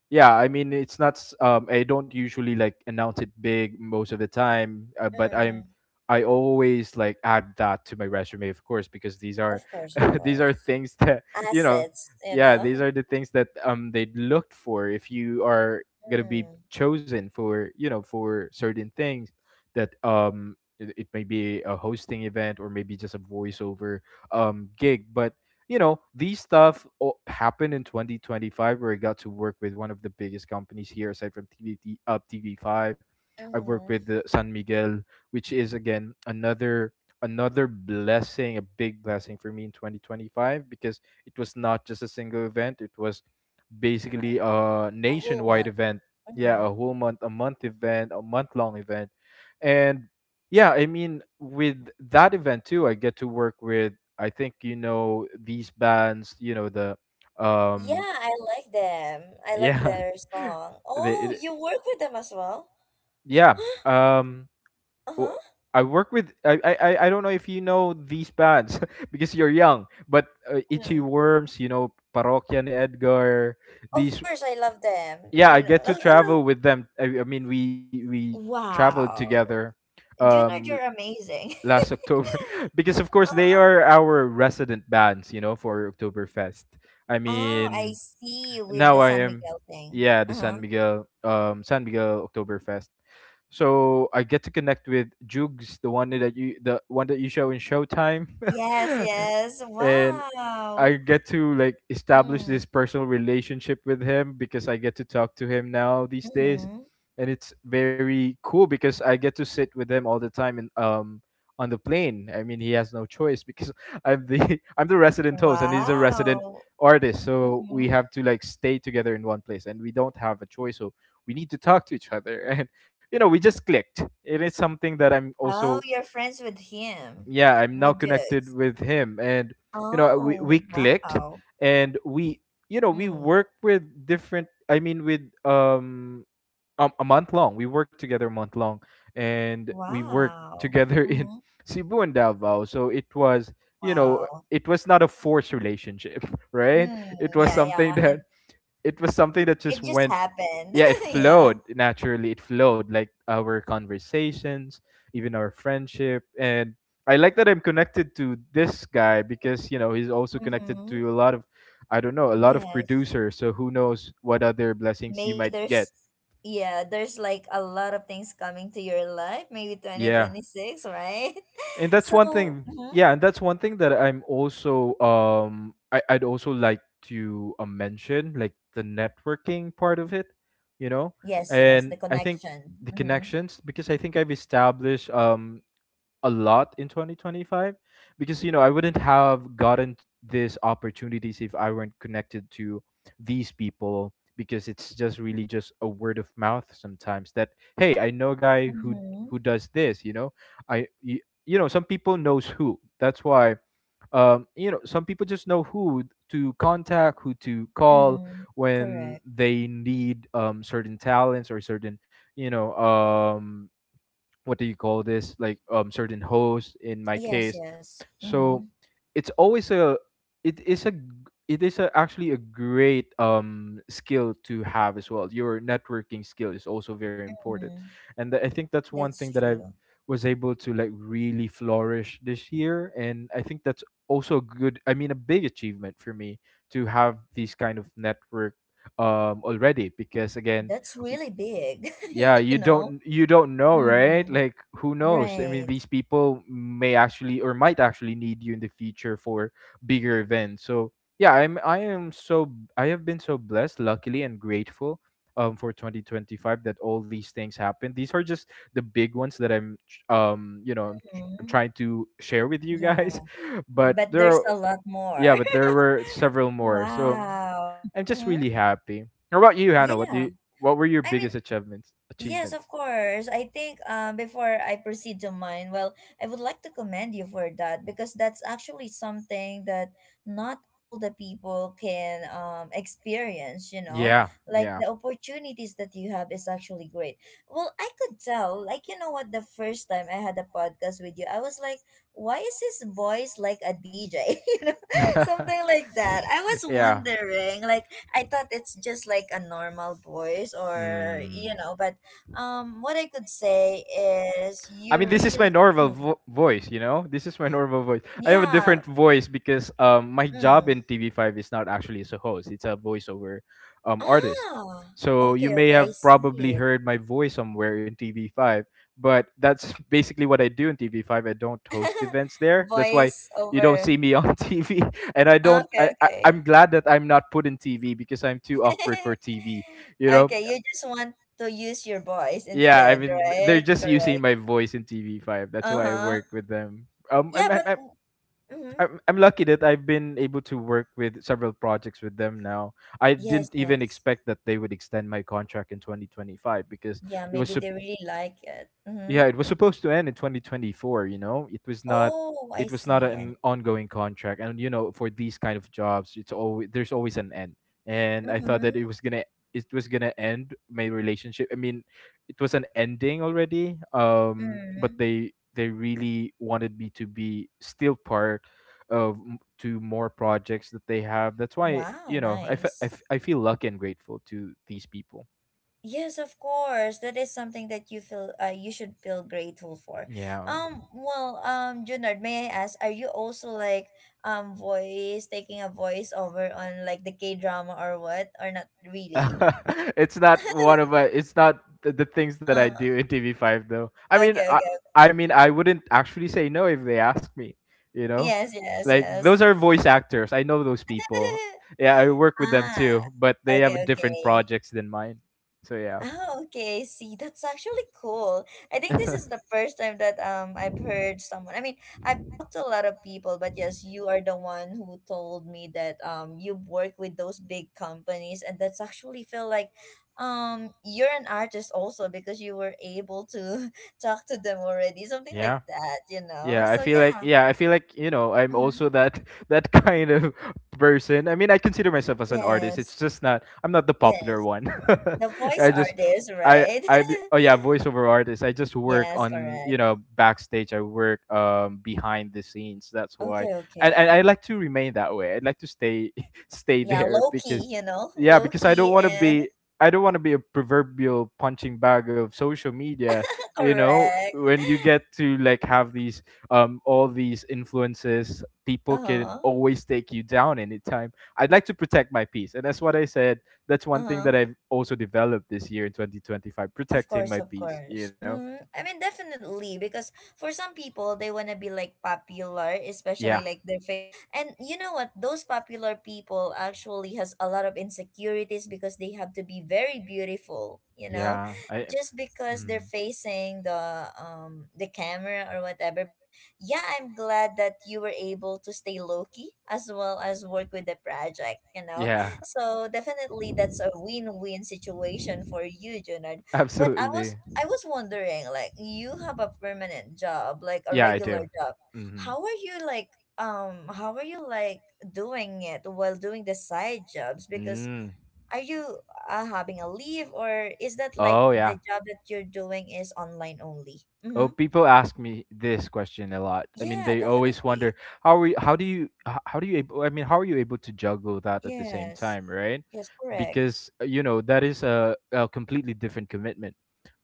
[SPEAKER 2] yeah, I mean, it's not. S- I don't usually like announce it big most of the time, but I'm.
[SPEAKER 1] Mm.
[SPEAKER 2] I always like add that to my resume, of course, because these are,
[SPEAKER 1] Of course, of
[SPEAKER 2] these are
[SPEAKER 1] course.
[SPEAKER 2] things that, you know.
[SPEAKER 1] Assets, you
[SPEAKER 2] Yeah, these
[SPEAKER 1] know.
[SPEAKER 2] are the things that they looked for if you are gonna be
[SPEAKER 1] Mm.
[SPEAKER 2] chosen for, you know, for certain things that it may be a hosting event or maybe just a voiceover gig, but you know, these happened in 2025 where I got to work with one of the biggest companies here aside from tv up tv5. I worked with
[SPEAKER 1] Mm-hmm.
[SPEAKER 2] the san miguel, which is again another blessing, a big blessing for me in 2025, because it was not just a single event, it was basically a
[SPEAKER 1] Ahulma.
[SPEAKER 2] nationwide event. Yeah, a
[SPEAKER 1] Mm-hmm.
[SPEAKER 2] whole month, a month long event. And yeah, I mean, with that event too, I get to work with, I think, you know, these bands, you know, the,
[SPEAKER 1] Yeah,
[SPEAKER 2] um,
[SPEAKER 1] I like them. I like
[SPEAKER 2] yeah,
[SPEAKER 1] their song.
[SPEAKER 2] the,
[SPEAKER 1] Oh,
[SPEAKER 2] it,
[SPEAKER 1] you work with them as well?
[SPEAKER 2] yeah, um, w-
[SPEAKER 1] Uh-huh.
[SPEAKER 2] I work with, I don't know if you know these bands because you're young, but Itchy
[SPEAKER 1] Mm.
[SPEAKER 2] Worms, you know, Parokya ni Edgar,
[SPEAKER 1] Of
[SPEAKER 2] these
[SPEAKER 1] course, I love them,
[SPEAKER 2] yeah,
[SPEAKER 1] you
[SPEAKER 2] I
[SPEAKER 1] know.
[SPEAKER 2] get to travel with them. I mean we traveled
[SPEAKER 1] Wow.
[SPEAKER 2] together
[SPEAKER 1] Junard,
[SPEAKER 2] um
[SPEAKER 1] you're amazing.
[SPEAKER 2] last october, because of course they
[SPEAKER 1] Uh-huh.
[SPEAKER 2] are our resident bands, you know, for oktoberfest. I
[SPEAKER 1] Oh, I
[SPEAKER 2] mean
[SPEAKER 1] see with
[SPEAKER 2] now
[SPEAKER 1] the
[SPEAKER 2] I
[SPEAKER 1] San
[SPEAKER 2] am
[SPEAKER 1] Miguel thing.
[SPEAKER 2] Yeah, the
[SPEAKER 1] Uh-huh.
[SPEAKER 2] san miguel oktoberfest. So I get to connect with jugs, the one that you the one that you show in showtime.
[SPEAKER 1] Yes, yes.
[SPEAKER 2] and
[SPEAKER 1] Wow.
[SPEAKER 2] I get to like establish
[SPEAKER 1] Mm.
[SPEAKER 2] this personal relationship with him because I get to talk to him now these days,
[SPEAKER 1] Mm-hmm.
[SPEAKER 2] and it's very cool because I get to sit with him all the time in on the plane. I mean, he has no choice because I'm the, I'm the resident host and he's a resident
[SPEAKER 1] Wow.
[SPEAKER 2] artist, so we
[SPEAKER 1] Mm-hmm.
[SPEAKER 2] have to like stay together in one place and we don't have a choice. So we need to talk to each other, and we just clicked. It is something that I'm
[SPEAKER 1] Oh,
[SPEAKER 2] also,
[SPEAKER 1] you're friends with him,
[SPEAKER 2] yeah, I'm now
[SPEAKER 1] with
[SPEAKER 2] connected
[SPEAKER 1] Jugs.
[SPEAKER 2] with him. And we
[SPEAKER 1] Oh,
[SPEAKER 2] clicked,
[SPEAKER 1] wow.
[SPEAKER 2] and we, we
[SPEAKER 1] Mm.
[SPEAKER 2] work with different, I mean with a month long, we worked together a month long, and we worked
[SPEAKER 1] Wow.
[SPEAKER 2] together in
[SPEAKER 1] Mm.
[SPEAKER 2] cebu and davao. So it was, you know,
[SPEAKER 1] Wow.
[SPEAKER 2] it was not a forced relationship, right?
[SPEAKER 1] Mm.
[SPEAKER 2] It was
[SPEAKER 1] Yeah,
[SPEAKER 2] something
[SPEAKER 1] yeah.
[SPEAKER 2] that, it was something that just
[SPEAKER 1] It just
[SPEAKER 2] went
[SPEAKER 1] happened.
[SPEAKER 2] yeah, it
[SPEAKER 1] Yeah.
[SPEAKER 2] flowed naturally. It flowed like our conversations, even our friendship. And I like that I'm connected to this guy because, you know, he's also connected
[SPEAKER 1] Mm-hmm.
[SPEAKER 2] to a lot of, I don't know, a lot of
[SPEAKER 1] Yes.
[SPEAKER 2] producers. So who knows what other blessings you
[SPEAKER 1] Maybe
[SPEAKER 2] might get.
[SPEAKER 1] there's, yeah, there's like a lot of things coming to your life, maybe
[SPEAKER 2] Yeah.
[SPEAKER 1] 2026, right?
[SPEAKER 2] and that's one
[SPEAKER 1] So,
[SPEAKER 2] thing
[SPEAKER 1] mhm.
[SPEAKER 2] Yeah, and that's one thing that I'm also I'd also like to mention, like the networking part of it, you know.
[SPEAKER 1] Yes, yes, the
[SPEAKER 2] And I think
[SPEAKER 1] connection.
[SPEAKER 2] the
[SPEAKER 1] Mm-hmm.
[SPEAKER 2] connections because I think I've established a lot in 2025, because you know, I wouldn't have gotten these opportunities if I weren't connected to these people, because it's just really just a word of mouth sometimes that, hey, I know a guy who
[SPEAKER 1] Mm-hmm.
[SPEAKER 2] who does this, you know. I you, you know, some people knows who, that's why, you know, some people just know who to contact, who to call,
[SPEAKER 1] Mm,
[SPEAKER 2] when
[SPEAKER 1] correct.
[SPEAKER 2] they need certain talents or certain, you know um what do you call this, like certain host in my
[SPEAKER 1] Yes,
[SPEAKER 2] case.
[SPEAKER 1] yes.
[SPEAKER 2] So
[SPEAKER 1] Mm-hmm.
[SPEAKER 2] it's always a, it is a g- it is a, actually a great skill to have as well. Your networking skill is also very important.
[SPEAKER 1] Mm-hmm.
[SPEAKER 2] And I think that's one thing
[SPEAKER 1] That's
[SPEAKER 2] that I
[SPEAKER 1] true.
[SPEAKER 2] was able to like really flourish this year. And I think that's also a good, I mean a big achievement for me, to have these kind of network already, because again,
[SPEAKER 1] That's really big, you
[SPEAKER 2] yeah, you
[SPEAKER 1] know?
[SPEAKER 2] don't, know,
[SPEAKER 1] Mm,
[SPEAKER 2] right? Like, who knows, I
[SPEAKER 1] right.
[SPEAKER 2] mean, these people may actually or might actually need you in the future for bigger events. So yeah, I'm, I have been so blessed, luckily, and grateful for 2025, that all these things happened. These are just the big ones that you know, I'm
[SPEAKER 1] Mm-hmm.
[SPEAKER 2] trying to share with you
[SPEAKER 1] Yeah.
[SPEAKER 2] guys, but
[SPEAKER 1] But
[SPEAKER 2] there
[SPEAKER 1] there's
[SPEAKER 2] are,
[SPEAKER 1] a lot more.
[SPEAKER 2] yeah, but there were several more. So
[SPEAKER 1] Wow.
[SPEAKER 2] I'm just
[SPEAKER 1] Mhm.
[SPEAKER 2] really happy. How about you, Hannah? What do
[SPEAKER 1] Yeah,
[SPEAKER 2] you, what were your
[SPEAKER 1] I mean,
[SPEAKER 2] biggest achievements?
[SPEAKER 1] yes,
[SPEAKER 2] Achievements.
[SPEAKER 1] of course. I think before I proceed to mine, well, I would like to commend you for that because that's actually something that not all the people can experience, you know?
[SPEAKER 2] Yeah,
[SPEAKER 1] Like
[SPEAKER 2] yeah.
[SPEAKER 1] the opportunities that you have is actually great. Well, I could tell, like, you know what, the first time I had a podcast with you, I was like, why is his voice like a DJ? You know, something like that. I was
[SPEAKER 2] yeah.
[SPEAKER 1] wondering, like, I thought it's just like a normal voice or,
[SPEAKER 2] Mm.
[SPEAKER 1] you know, but what I could say is
[SPEAKER 2] I mean,
[SPEAKER 1] you
[SPEAKER 2] this is my
[SPEAKER 1] really,
[SPEAKER 2] normal
[SPEAKER 1] mm,
[SPEAKER 2] voice, you know? This is my normal voice. I have a
[SPEAKER 1] yeah,
[SPEAKER 2] different voice because my job
[SPEAKER 1] mm.
[SPEAKER 2] in TV5 is not actually as a host, it's a voiceover artist.
[SPEAKER 1] Ah,
[SPEAKER 2] So you
[SPEAKER 1] okay,
[SPEAKER 2] may
[SPEAKER 1] okay, I
[SPEAKER 2] have probably
[SPEAKER 1] see.
[SPEAKER 2] heard my voice somewhere in TV5, but that's basically what I do in TV5. I don't host events there. That's why
[SPEAKER 1] Voice
[SPEAKER 2] you don't see
[SPEAKER 1] over.
[SPEAKER 2] me on TV, and I don't.
[SPEAKER 1] Okay, okay.
[SPEAKER 2] I'm glad that I'm not put in TV because I'm too awkward for TV. You know.
[SPEAKER 1] Okay, you just want to use your voice
[SPEAKER 2] Yeah, I
[SPEAKER 1] instead,
[SPEAKER 2] mean they're
[SPEAKER 1] right?
[SPEAKER 2] just using
[SPEAKER 1] Correct.
[SPEAKER 2] my voice in TV5. That's why I
[SPEAKER 1] Uh-huh.
[SPEAKER 2] work with them.
[SPEAKER 1] Yeah, but mm, mm-hmm.
[SPEAKER 2] I'm, lucky that I've been able to work with several projects with them now. I
[SPEAKER 1] Yes,
[SPEAKER 2] didn't even
[SPEAKER 1] yes.
[SPEAKER 2] expect that they would extend my contract in 2025 because
[SPEAKER 1] Yeah,
[SPEAKER 2] it was
[SPEAKER 1] maybe they really like it.
[SPEAKER 2] yeah,
[SPEAKER 1] Mm-hmm.
[SPEAKER 2] it was supposed to end in 2024, you know.
[SPEAKER 1] Oh, I
[SPEAKER 2] It was not
[SPEAKER 1] see.
[SPEAKER 2] an ongoing contract. And you know, for these kind of jobs, it's always, there's always an end. And I thought
[SPEAKER 1] Mm-hmm.
[SPEAKER 2] that it was going to, it was going to end my relationship. I mean, it was an ending already.
[SPEAKER 1] Mm-hmm.
[SPEAKER 2] But they really wanted me to be still part of two more projects that they have. That's why,
[SPEAKER 1] Wow,
[SPEAKER 2] you know, I fe- I
[SPEAKER 1] nice.
[SPEAKER 2] f- I feel lucky and grateful to these people.
[SPEAKER 1] Yes, of course. That is something that you feel you should feel grateful for.
[SPEAKER 2] Yeah.
[SPEAKER 1] Well, Junard, may I ask, are you also like voice taking a voice over on like the K drama or what? Or not really?
[SPEAKER 2] it's not one of my, it's not the things that I
[SPEAKER 1] Uh,
[SPEAKER 2] do in TV5 though.
[SPEAKER 1] okay, okay.
[SPEAKER 2] I
[SPEAKER 1] Okay.
[SPEAKER 2] mean I wouldn't actually say no if they asked me, you know?
[SPEAKER 1] Yes, yes,
[SPEAKER 2] Like
[SPEAKER 1] yes.
[SPEAKER 2] those are voice actors. I know those people. Yeah, I work with them
[SPEAKER 1] Ah,
[SPEAKER 2] too, but they
[SPEAKER 1] okay,
[SPEAKER 2] have different
[SPEAKER 1] okay.
[SPEAKER 2] projects than mine. So yeah.
[SPEAKER 1] Oh, okay. I see, that's actually cool. I think this is the first time that I've heard someone. I mean,
[SPEAKER 2] is I've
[SPEAKER 1] I've
[SPEAKER 2] heard some.
[SPEAKER 1] talked to a lot of people, but yes, you are the one who told me that you work with those big companies, and that's actually feel like you're an artist also because you were able to talk to them already, something like
[SPEAKER 2] Yeah.
[SPEAKER 1] that, you know?
[SPEAKER 2] Yeah, I
[SPEAKER 1] So
[SPEAKER 2] feel like
[SPEAKER 1] yeah.
[SPEAKER 2] yeah, I feel like I'm
[SPEAKER 1] Mhm.
[SPEAKER 2] also that that kind of person. I mean, I consider myself as an artist. It's
[SPEAKER 1] Yes.
[SPEAKER 2] just not I'm not the popular
[SPEAKER 1] Yes.
[SPEAKER 2] one.
[SPEAKER 1] The voice
[SPEAKER 2] I just
[SPEAKER 1] artist, right?
[SPEAKER 2] I be- Oh yeah, voiceover artist. I just work
[SPEAKER 1] Yes,
[SPEAKER 2] on
[SPEAKER 1] correct.
[SPEAKER 2] backstage. I work behind the scenes. That's why,
[SPEAKER 1] Okay,
[SPEAKER 2] and I
[SPEAKER 1] okay.
[SPEAKER 2] like to remain that way. I'd like to stay stay
[SPEAKER 1] Yeah,
[SPEAKER 2] there
[SPEAKER 1] low
[SPEAKER 2] because
[SPEAKER 1] key, you know,
[SPEAKER 2] yeah
[SPEAKER 1] low
[SPEAKER 2] because
[SPEAKER 1] key and
[SPEAKER 2] I don't want to be a proverbial punching bag of social media. You know,
[SPEAKER 1] correct.
[SPEAKER 2] when you get to like have these all these influences, people can
[SPEAKER 1] Uh-huh.
[SPEAKER 2] always take you down anytime. I'd like to protect my peace, and that's what I said. That's one thing that
[SPEAKER 1] Uh-huh.
[SPEAKER 2] I've also developed this year in 2025,
[SPEAKER 1] Of
[SPEAKER 2] protecting
[SPEAKER 1] course,
[SPEAKER 2] my
[SPEAKER 1] of
[SPEAKER 2] peace, you
[SPEAKER 1] course.
[SPEAKER 2] know?
[SPEAKER 1] Mm, I mean, definitely, because for some people, they want to be like popular, especially
[SPEAKER 2] yeah
[SPEAKER 1] like their faith. And you know what? Those popular people actually has a lot of insecurities because they have to be very beautiful, you know,
[SPEAKER 2] yeah, I
[SPEAKER 1] just because
[SPEAKER 2] mm,
[SPEAKER 1] they're facing the camera or whatever. But yeah, I'm glad that you were able to stay low key as well as work with the project, you know.
[SPEAKER 2] yeah,
[SPEAKER 1] So definitely, that's a win-win situation for you, Junard. But
[SPEAKER 2] absolutely.
[SPEAKER 1] I was wondering, like, you have a permanent job, like a
[SPEAKER 2] Yeah, I
[SPEAKER 1] regular
[SPEAKER 2] do.
[SPEAKER 1] job.
[SPEAKER 2] Mm-hmm.
[SPEAKER 1] How are you like how are you like doing it while doing the side jobs? Because
[SPEAKER 2] Mm.
[SPEAKER 1] are you having a leave or is that like
[SPEAKER 2] Oh
[SPEAKER 1] the
[SPEAKER 2] yeah.
[SPEAKER 1] job that you're doing is online only?
[SPEAKER 2] Oh,
[SPEAKER 1] Mm-hmm.
[SPEAKER 2] people ask me this question a lot. I mean,
[SPEAKER 1] Yeah,
[SPEAKER 2] they always
[SPEAKER 1] definitely.
[SPEAKER 2] wonder how are you, how do you able, I mean, how are you able to juggle that at the same
[SPEAKER 1] Yes.
[SPEAKER 2] time, right?
[SPEAKER 1] Yes, correct.
[SPEAKER 2] Because you know that is a completely different commitment.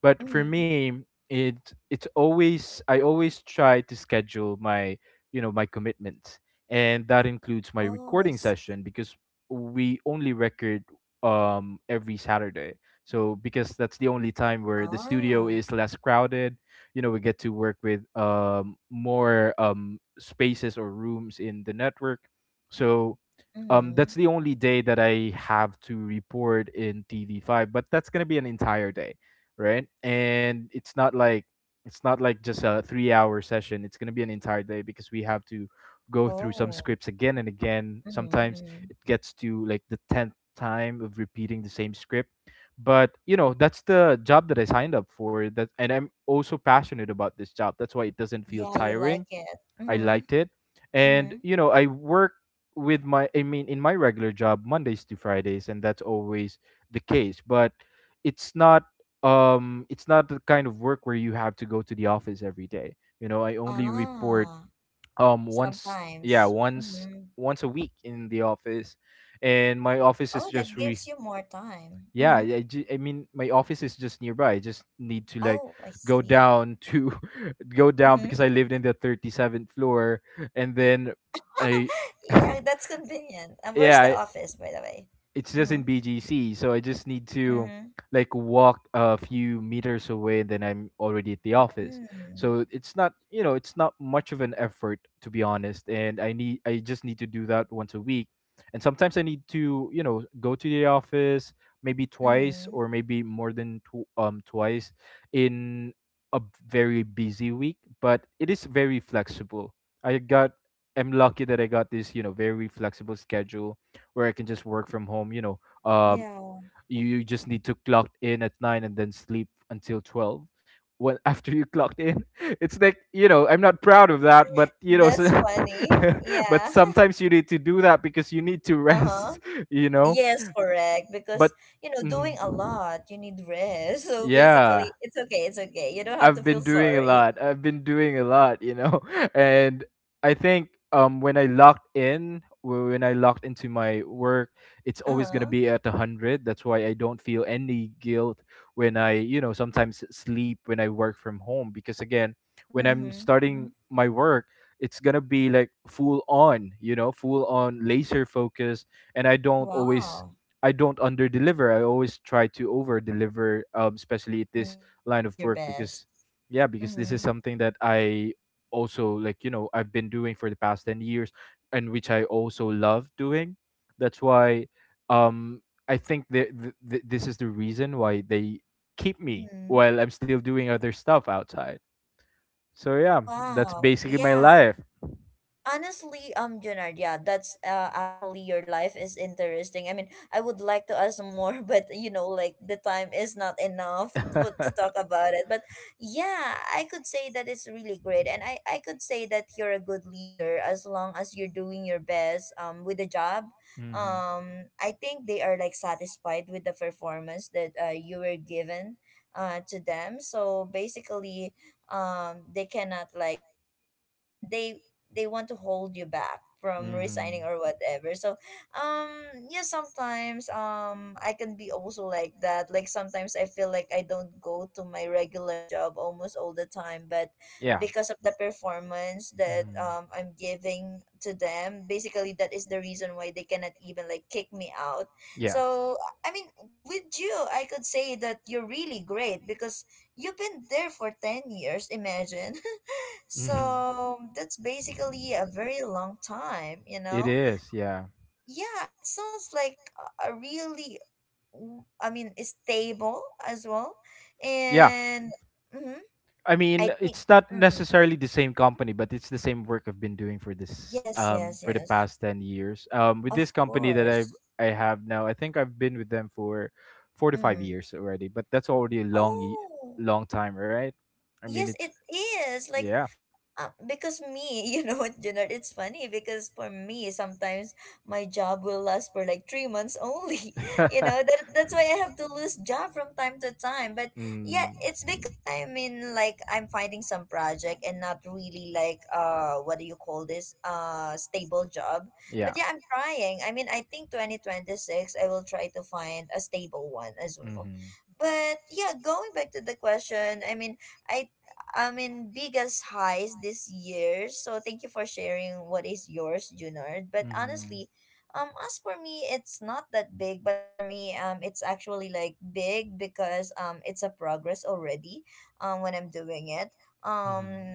[SPEAKER 2] But for
[SPEAKER 1] Mm-hmm.
[SPEAKER 2] me, it it's always I always try to schedule my my commitments, and that includes my
[SPEAKER 1] Oh, I
[SPEAKER 2] recording
[SPEAKER 1] see.
[SPEAKER 2] session because we only record every Saturday. So because that's the only time where the studio
[SPEAKER 1] Ah.
[SPEAKER 2] is less crowded, you know, we get to work with more spaces or rooms in the network. So that's
[SPEAKER 1] Mm-hmm.
[SPEAKER 2] the only day that I have to report in TV5, but that's going to be an entire day, right? And it's not like just a 3-hour session. It's going to be an entire day because we have to go through some
[SPEAKER 1] Oh.
[SPEAKER 2] scripts again and again.
[SPEAKER 1] Mm-hmm.
[SPEAKER 2] Sometimes
[SPEAKER 1] Mm-hmm.
[SPEAKER 2] it gets to like the 10th time of repeating the same script. But you know, that's the job that I signed up for. That and I'm also passionate about this job. That's why it doesn't feel
[SPEAKER 1] Yeah, you like
[SPEAKER 2] tiring.
[SPEAKER 1] it.
[SPEAKER 2] I
[SPEAKER 1] Mm-hmm.
[SPEAKER 2] liked it. And
[SPEAKER 1] Mm-hmm.
[SPEAKER 2] you know, I work with my I mean in my regular job Mondays to Fridays, and that's always the case. But it's not it's not the kind of work where you have to go to the office every day. You know, I only report
[SPEAKER 1] Ah,
[SPEAKER 2] once yeah
[SPEAKER 1] sometimes. Mm-hmm.
[SPEAKER 2] once a week in the office, and my office is
[SPEAKER 1] Oh, that
[SPEAKER 2] just re
[SPEAKER 1] gives you more time.
[SPEAKER 2] yeah
[SPEAKER 1] Mm-hmm.
[SPEAKER 2] I mean my office is just nearby. I just need to like
[SPEAKER 1] Oh, I
[SPEAKER 2] go
[SPEAKER 1] see.
[SPEAKER 2] down to go down because
[SPEAKER 1] Mm-hmm.
[SPEAKER 2] I lived in the 37th floor, and then I
[SPEAKER 1] Yeah, that's convenient. And where's the
[SPEAKER 2] yeah,
[SPEAKER 1] office, by the way?
[SPEAKER 2] it's just
[SPEAKER 1] Mm-hmm.
[SPEAKER 2] in BGC, so I just need to
[SPEAKER 1] Mm-hmm.
[SPEAKER 2] like walk a few meters away, and then I'm already at the office.
[SPEAKER 1] Mm.
[SPEAKER 2] So it's not, you know, it's not much of an effort, to be honest. And I just need to do that once a week, and sometimes I need to, you know, go to the office maybe twice
[SPEAKER 1] Mm-hmm.
[SPEAKER 2] or maybe more than two twice in a very busy week. But it is very flexible. I got, I'm lucky that I got this, you know, very flexible schedule where I can just work from home. You know, um,
[SPEAKER 1] Yeah.
[SPEAKER 2] you just need to clock in at nine and then sleep until 12. When after you clocked in, it's like you know I'm not proud of that, but you know, so
[SPEAKER 1] That's funny.
[SPEAKER 2] but
[SPEAKER 1] Yeah.
[SPEAKER 2] sometimes you need to do that because you need to
[SPEAKER 1] Uh-huh.
[SPEAKER 2] rest. You know,
[SPEAKER 1] Yes, correct.
[SPEAKER 2] but
[SPEAKER 1] Because, you know,
[SPEAKER 2] mhm.
[SPEAKER 1] doing a lot, you need rest. So
[SPEAKER 2] Yeah,
[SPEAKER 1] basically, it's okay. It's okay. You don't have
[SPEAKER 2] I've
[SPEAKER 1] to feel
[SPEAKER 2] been doing a
[SPEAKER 1] sorry.
[SPEAKER 2] lot. I've been doing a lot, you know. And I think when I locked in, when I locked into my work, it's always gonna
[SPEAKER 1] Uh-huh.
[SPEAKER 2] be at a hundred. That's why I don't feel any guilt when I, you know, sometimes sleep when I work from home because again, when I'm
[SPEAKER 1] Mm-hmm.
[SPEAKER 2] starting
[SPEAKER 1] Mm-hmm.
[SPEAKER 2] my work, it's gonna be like full on, you know, full on laser focus, and I don't always.
[SPEAKER 1] Wow.
[SPEAKER 2] I don't under deliver. I always try to over deliver, especially at this
[SPEAKER 1] Yeah, you're
[SPEAKER 2] line of
[SPEAKER 1] doing your
[SPEAKER 2] work because
[SPEAKER 1] best.
[SPEAKER 2] yeah because this is
[SPEAKER 1] Mhm,
[SPEAKER 2] something that I also like, you know, I've been doing for the past 10 years, and which I also love doing. That's why, um, I think that this is the reason why they keep me
[SPEAKER 1] mhm.
[SPEAKER 2] while I'm still doing other stuff outside. So yeah, that's
[SPEAKER 1] Wow,
[SPEAKER 2] basically my
[SPEAKER 1] yeah.
[SPEAKER 2] life.
[SPEAKER 1] Honestly, Junard, yeah, that's actually your life is interesting. I mean, I would like to ask more, but you know, like the time is not enough to talk about it. But yeah, I could say that it's really great, and I could say that you're a good leader as long as you're doing your best with the job.
[SPEAKER 2] Hmm.
[SPEAKER 1] I think they are like satisfied with the performance that you were given to them. So basically, they cannot like hold you. I mean they want to hold you back from
[SPEAKER 2] Hmm.
[SPEAKER 1] resigning or whatever. So, um, yeah, sometimes I can be also like that. Like sometimes I feel like I don't go to my regular job almost all the time, but
[SPEAKER 2] Yeah.
[SPEAKER 1] because of the performance that
[SPEAKER 2] Hmm.
[SPEAKER 1] I'm giving to them, basically that is the reason why they cannot even like kick me out.
[SPEAKER 2] Yeah.
[SPEAKER 1] So, I mean, with you, I could say that you're really great because you've been there for 10 years, imagine.
[SPEAKER 2] Hmm.
[SPEAKER 1] So that's basically a very long time, you
[SPEAKER 2] It
[SPEAKER 1] know?
[SPEAKER 2] is. Yeah.
[SPEAKER 1] Yeah, it sounds like a really, w- I mean, it's stable as well.
[SPEAKER 2] Yeah.
[SPEAKER 1] And mhm,
[SPEAKER 2] I mean,
[SPEAKER 1] I think,
[SPEAKER 2] it's not
[SPEAKER 1] mm,
[SPEAKER 2] necessarily the same company, but it's the same work I've been doing for this
[SPEAKER 1] yes, yes,
[SPEAKER 2] for the
[SPEAKER 1] yes,
[SPEAKER 2] past 10 years. Um, with
[SPEAKER 1] of
[SPEAKER 2] this company that
[SPEAKER 1] course.
[SPEAKER 2] I have now, I think I've been with them for 4 to 5
[SPEAKER 1] Mm.
[SPEAKER 2] years already, but that's already a long
[SPEAKER 1] Oh,
[SPEAKER 2] long time, right? I mean,
[SPEAKER 1] yes,
[SPEAKER 2] it's
[SPEAKER 1] it is. Like,
[SPEAKER 2] yeah.
[SPEAKER 1] uh, because me, you know what, Junard, it's funny because for me, sometimes my job will last for like 3 months only. You know, that's why I have to lose job from time to time. But yeah,
[SPEAKER 2] Mm.
[SPEAKER 1] it's because I'm in like I'm finding some project and not really like what do you call this? Uh, stable job. But
[SPEAKER 2] Yeah.
[SPEAKER 1] yeah, I'm trying. I mean, I think 2026 I will try to find a stable one as well.
[SPEAKER 2] Hmm.
[SPEAKER 1] But yeah, going back to the question, I I mean, biggest highs this year. So thank you for sharing what is yours, Junard. But
[SPEAKER 2] Hmm.
[SPEAKER 1] honestly, as for me, it's not that big. But for me, it's actually like big because it's a progress already. When I'm doing it, um,
[SPEAKER 2] Hmm.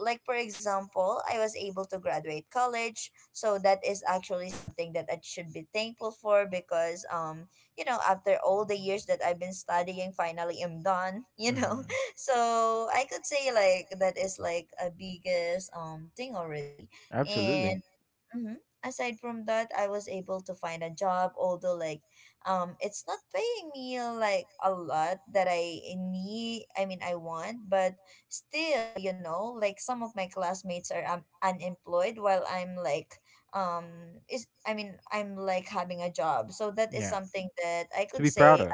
[SPEAKER 1] like for example, I was able to graduate college, so that is actually something that I should be thankful for because you know, after all the years that I've been studying, finally I'm done. You know,
[SPEAKER 2] Hmm.
[SPEAKER 1] so I could say like that is like a biggest thing already.
[SPEAKER 2] Absolutely.
[SPEAKER 1] And mhm, aside from that, I was able to find a job, although like it's not paying me like a lot that I need. I mean I want, but still, you know, like some of my classmates are unemployed while I'm like is I mean I'm like having a job. So that is
[SPEAKER 2] Yeah.
[SPEAKER 1] something that I
[SPEAKER 2] To
[SPEAKER 1] could
[SPEAKER 2] be proud
[SPEAKER 1] say
[SPEAKER 2] of.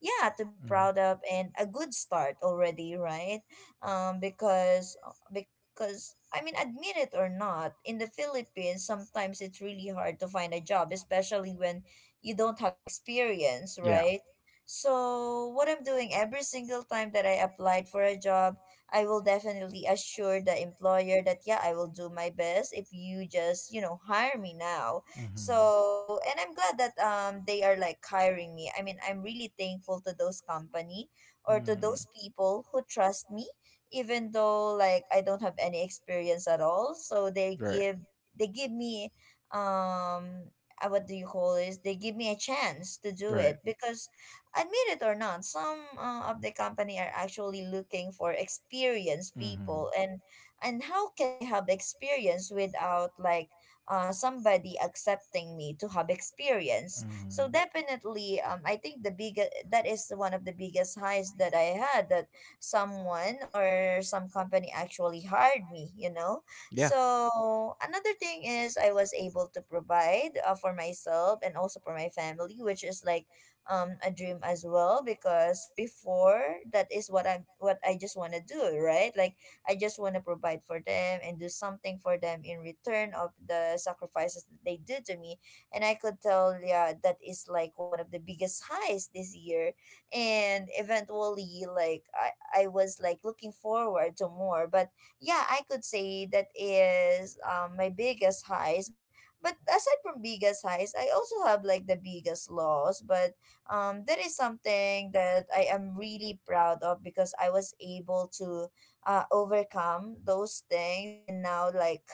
[SPEAKER 1] yeah to be
[SPEAKER 2] Hmm.
[SPEAKER 1] proud of, and a good start already, right? Because because I mean admit it or not, in the Philippines sometimes it's really hard to find a job, especially when you don't have experience,
[SPEAKER 2] Yeah.
[SPEAKER 1] right? So what I'm doing every single time that I applied for a job, I will definitely assure the employer that yeah I will do my best if you just you know hire me now.
[SPEAKER 2] Mm-hmm.
[SPEAKER 1] So, and I'm glad that they are like hiring me. I mean, I'm really thankful to those company or to those people who trust me even though like I don't have any experience at all. So they
[SPEAKER 2] They
[SPEAKER 1] give they give me um what do you call this? They give me a chance to do it because admit it or not, some of the company are actually looking for experienced people, and how can I have experience without like somebody accepting me to have experience. So
[SPEAKER 2] mm.
[SPEAKER 1] definitely, I think the big that is one of the biggest highs that I had, that someone or some company actually hired me. You know,
[SPEAKER 2] Yeah.
[SPEAKER 1] so another thing is I was able to provide for myself and also for my family, which is like a dream as well, because before that is what I just want to do, right? Like I just want to provide for them and do something for them in return of the sacrifices that they do to me. And I could tell, yeah, that is like one of the biggest highs this year. And eventually, like, I was like looking forward to more. But yeah, I could say that is my biggest highs. But aside from biggest highs, I also have like the biggest loss. But that is something that I am really proud of because I was able to overcome those things, and now like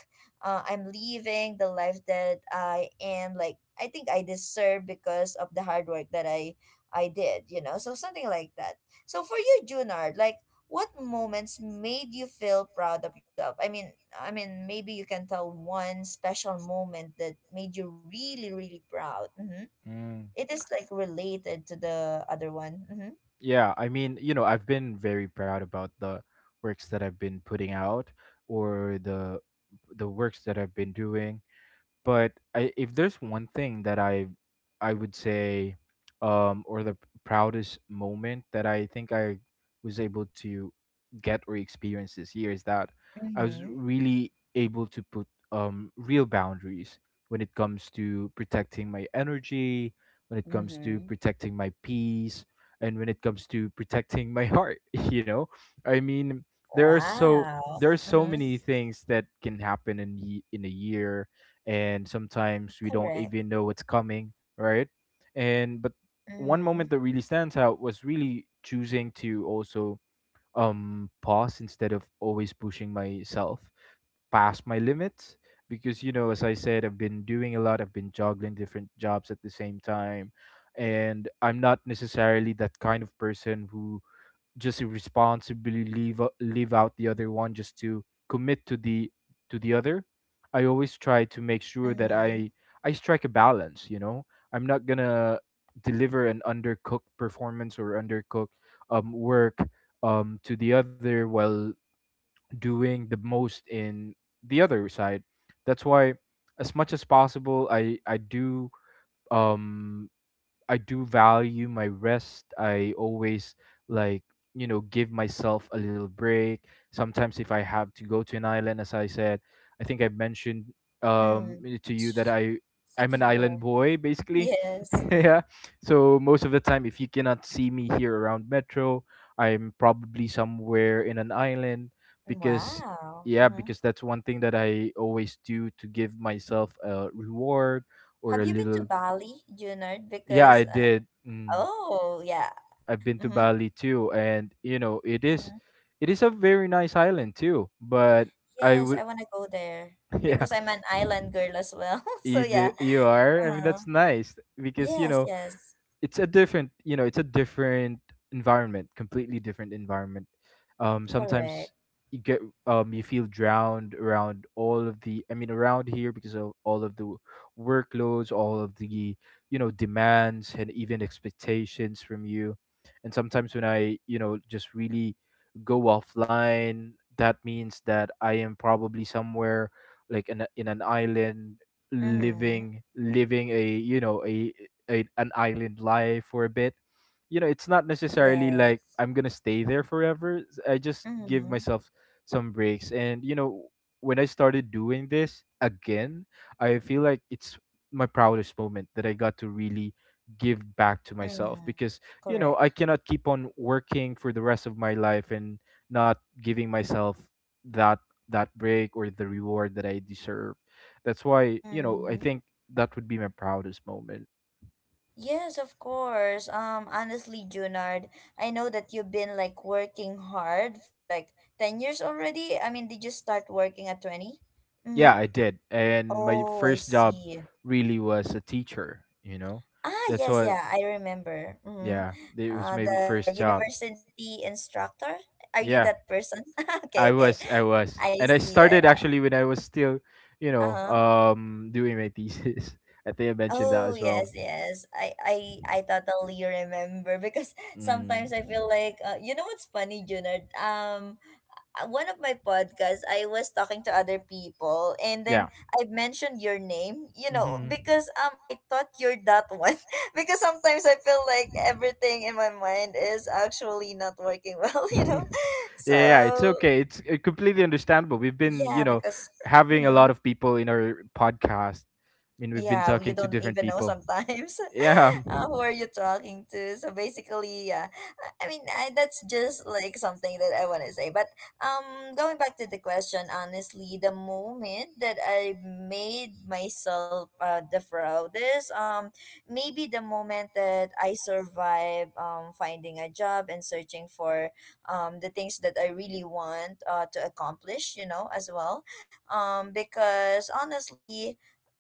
[SPEAKER 1] I'm living the life that I am like I think I deserve because of the hard work that I did, you know? So something like that. So for you, Junard, like what moments made you feel proud of yourself? I mean maybe you can tell one special moment that made you really really proud. Mm-hmm.
[SPEAKER 2] Mm.
[SPEAKER 1] It is like related to the other one. Mm-hmm.
[SPEAKER 2] Yeah. I mean, you know, I've been very proud about the works that I've been putting out, or the works that I've been doing. But if there's one thing that I would say, um, or the proudest moment that I think I was able to get or experience this year is that I was
[SPEAKER 1] Mm-hmm.
[SPEAKER 2] really able to put real boundaries when it comes to protecting my energy, when it comes to
[SPEAKER 1] Mm-hmm.
[SPEAKER 2] protecting my peace, and when it comes to protecting my heart, you know? I mean,
[SPEAKER 1] Wow.
[SPEAKER 2] there are so many things that can happen in in a year, and sometimes we don't
[SPEAKER 1] Correct.
[SPEAKER 2] even know what's coming, right? And but one moment
[SPEAKER 1] Mhm.
[SPEAKER 2] that really stands out was really choosing to also pause instead of always pushing myself past my limits, because you know as I said, I've been doing a lot, I've been juggling different jobs at the same time, and I'm not necessarily that kind of person who just irresponsibly leave out the other one just to commit to the other. I always try to make sure that
[SPEAKER 1] Mhm.
[SPEAKER 2] I strike a balance. You know, I'm not gonna deliver an undercooked performance or undercooked work to the other while doing the most in the other side. That's why, as much as possible, um I do value my rest. I always like you know give myself a little break. Sometimes if I have to go to an island, as I said, I think I mentioned
[SPEAKER 1] Mm.
[SPEAKER 2] to you that
[SPEAKER 1] Sh-
[SPEAKER 2] I'm an island
[SPEAKER 1] Sikihor.
[SPEAKER 2] boy basically.
[SPEAKER 1] Yes.
[SPEAKER 2] Yeah. So most of the time, if you cannot see me here around Metro, I'm probably somewhere in an island because
[SPEAKER 1] Wow.
[SPEAKER 2] yeah
[SPEAKER 1] Mhm.
[SPEAKER 2] because that's one thing that I always do to give myself a reward or a
[SPEAKER 1] Have you been to
[SPEAKER 2] little
[SPEAKER 1] Bali, Junard?
[SPEAKER 2] yeah, I
[SPEAKER 1] Because
[SPEAKER 2] did. Mm,
[SPEAKER 1] oh yeah.
[SPEAKER 2] I've been to
[SPEAKER 1] Mhm.
[SPEAKER 2] Bali too, and you know,
[SPEAKER 1] Mhm.
[SPEAKER 2] it is a very nice island too. But I
[SPEAKER 1] Yes,
[SPEAKER 2] would,
[SPEAKER 1] I want to go there
[SPEAKER 2] yeah,
[SPEAKER 1] because I'm an island girl as well. So
[SPEAKER 2] you do,
[SPEAKER 1] yeah.
[SPEAKER 2] you are. I mean,
[SPEAKER 1] Uh-huh.
[SPEAKER 2] that's nice because you
[SPEAKER 1] Yes.
[SPEAKER 2] know
[SPEAKER 1] Yes.
[SPEAKER 2] it's a different environment, completely different environment. Sometimes
[SPEAKER 1] Correct.
[SPEAKER 2] you get, you feel drowned around all of the. I mean, around here because of all of the workloads, all of the, you know, demands and even expectations from you. And sometimes when I, you know, just really go offline, that means that I am probably somewhere like in an island
[SPEAKER 1] Mhm.
[SPEAKER 2] living a you know a an island life for a bit. You know it's not necessarily like
[SPEAKER 1] Yes.
[SPEAKER 2] I'm gonna stay there forever. I just give
[SPEAKER 1] Mhm.
[SPEAKER 2] myself some breaks, and you know when I started doing this again, I feel like it's my proudest moment that I got to really give back to myself
[SPEAKER 1] Mm.
[SPEAKER 2] because you know I
[SPEAKER 1] Correct.
[SPEAKER 2] cannot keep on working for the rest of my life and not giving myself that that break or the reward that I deserve. That's why, you know, I
[SPEAKER 1] Mhm.
[SPEAKER 2] think that would be my proudest moment.
[SPEAKER 1] Yes, of course. Honestly, Junard, I know that you've been like working hard for like 10 years already. I mean, did you start working at 20? Mm-hmm.
[SPEAKER 2] Yeah, I did. And my
[SPEAKER 1] Oh, I
[SPEAKER 2] first job
[SPEAKER 1] see.
[SPEAKER 2] really was a teacher, you know.
[SPEAKER 1] Ah,
[SPEAKER 2] That's
[SPEAKER 1] yes,
[SPEAKER 2] why
[SPEAKER 1] yeah, I remember. Mm-hmm.
[SPEAKER 2] yeah, it was my
[SPEAKER 1] The
[SPEAKER 2] first job.
[SPEAKER 1] university instructor. Are you
[SPEAKER 2] Yeah.
[SPEAKER 1] that person? Okay, okay.
[SPEAKER 2] I was,
[SPEAKER 1] I
[SPEAKER 2] and I
[SPEAKER 1] see. I-
[SPEAKER 2] started actually when I was still, you know,
[SPEAKER 1] Uh-huh.
[SPEAKER 2] doing my thesis. I think I mentioned that
[SPEAKER 1] Oh,
[SPEAKER 2] as well.
[SPEAKER 1] yes, yes. I totally remember because
[SPEAKER 2] Mm.
[SPEAKER 1] sometimes I feel like you know what's funny, Junard? One of my podcasts, I was talking to other people, and then I mentioned your name, you know, because I thought you're that one. Because sometimes I feel like everything in my mind is actually not working well,
[SPEAKER 2] Yeah,
[SPEAKER 1] you
[SPEAKER 2] well.
[SPEAKER 1] know.
[SPEAKER 2] yeah, it's yeah.
[SPEAKER 1] So
[SPEAKER 2] Okay. It's completely understandable. We've been,
[SPEAKER 1] yeah,
[SPEAKER 2] you
[SPEAKER 1] because.
[SPEAKER 2] having a
[SPEAKER 1] Mhm.
[SPEAKER 2] lot of people in our podcast. I mean, we've been
[SPEAKER 1] Yeah, well, you don't
[SPEAKER 2] different
[SPEAKER 1] even know
[SPEAKER 2] people.
[SPEAKER 1] sometimes who are you talking to. So basically, yeah, that's just like something that I want to say. But going back to the question, honestly, the moment that I made myself the proudest, maybe the moment that I survived finding a job and searching for the things that I really want to accomplish, you know, as well, because honestly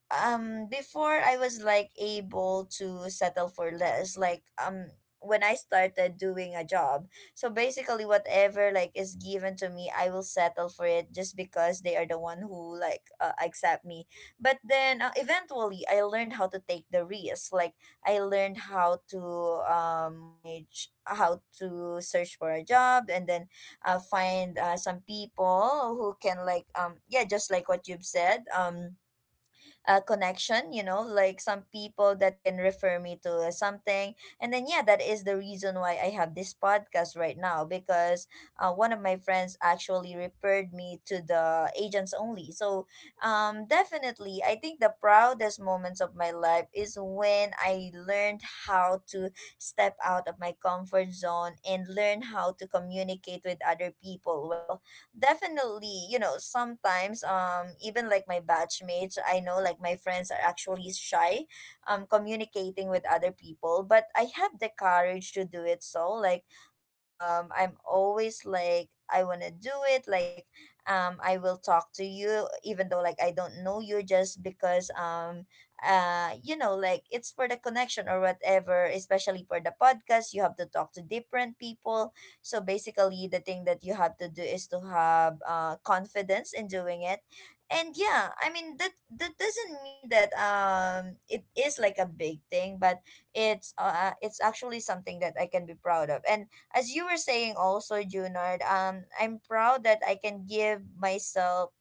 [SPEAKER 1] before I was like able to settle for less, like when I started doing a job, so basically whatever like is given to me I will settle for it just because they are the one who like accept me. But then eventually I learned how to take the risk. Like I learned how to manage how to search for a job, and then find some people who can like yeah just like what you've said connection, you know, like some people that can refer me to something. And then yeah that is the reason why I have this podcast right now, because one of my friends actually referred me to the agents only. So definitely I think the proudest moments of my life is when I learned how to step out of my comfort zone and learn how to communicate with other people well. Definitely, you know, sometimes even like my batchmates, I know like my friends are actually shy communicating with other people, but I have the courage to do it. So like I'm always like I want to do it, like I will talk to you even though like I don't know you, just because you know, like it's for the connection or whatever, especially for the podcast you have to talk to different people. So basically, the thing that you have to do is to have confidence in doing it. And yeah, I mean that doesn't mean that it is like a big thing, but it's actually something that I can be proud of. And as you were saying also, Junard, I'm proud that I can give myself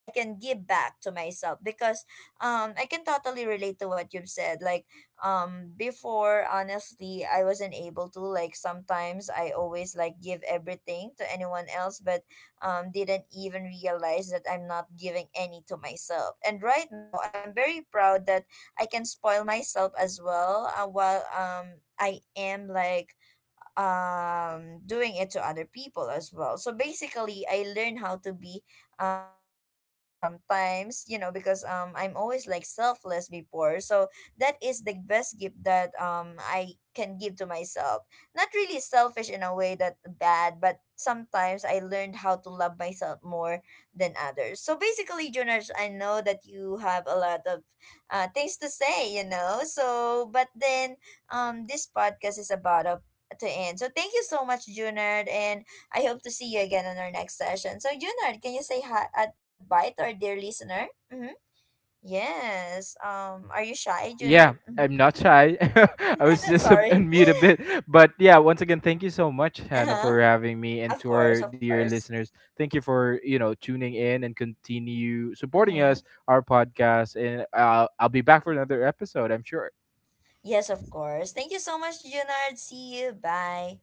[SPEAKER 1] I can give back to myself because I can totally relate to what you've said. Like before, honestly, I wasn't able to, like sometimes I always like give everything to anyone else, but didn't even realize that I'm not giving any to myself. And right now I'm very proud that I can spoil myself as well while I am like doing it to other people as well. So basically I learn how to be selfish sometimes, you know, because I'm always like selfless before. So that is the best gift that I can give to myself. Not really selfish in a way that bad, but sometimes I learned how to love myself more than others. So basically, Jonas, I know that you have a lot of things to say, you know, so. But then this podcast is about a to end. So thank you so much, Junard, and I hope to see you again on our next session. So Junard, can you say hi goodbye to our dear listener? Mm-hmm. Yes. Are you shy,
[SPEAKER 2] Yeah,
[SPEAKER 1] Junard? Mhm.
[SPEAKER 2] I'm not shy. I was just
[SPEAKER 1] Sorry.
[SPEAKER 2] on mute a bit. But yeah, once again, thank you so much, Hannah,
[SPEAKER 1] Uh-huh.
[SPEAKER 2] for having me and
[SPEAKER 1] Of
[SPEAKER 2] to
[SPEAKER 1] course,
[SPEAKER 2] our
[SPEAKER 1] of
[SPEAKER 2] dear
[SPEAKER 1] course.
[SPEAKER 2] listeners. Thank you for, you know, tuning in and continue supporting
[SPEAKER 1] Mm-hmm.
[SPEAKER 2] us, our podcast. And I'll be back for another episode, I'm sure.
[SPEAKER 1] Yes, of course. Thank you so much, Junard. See you. Bye.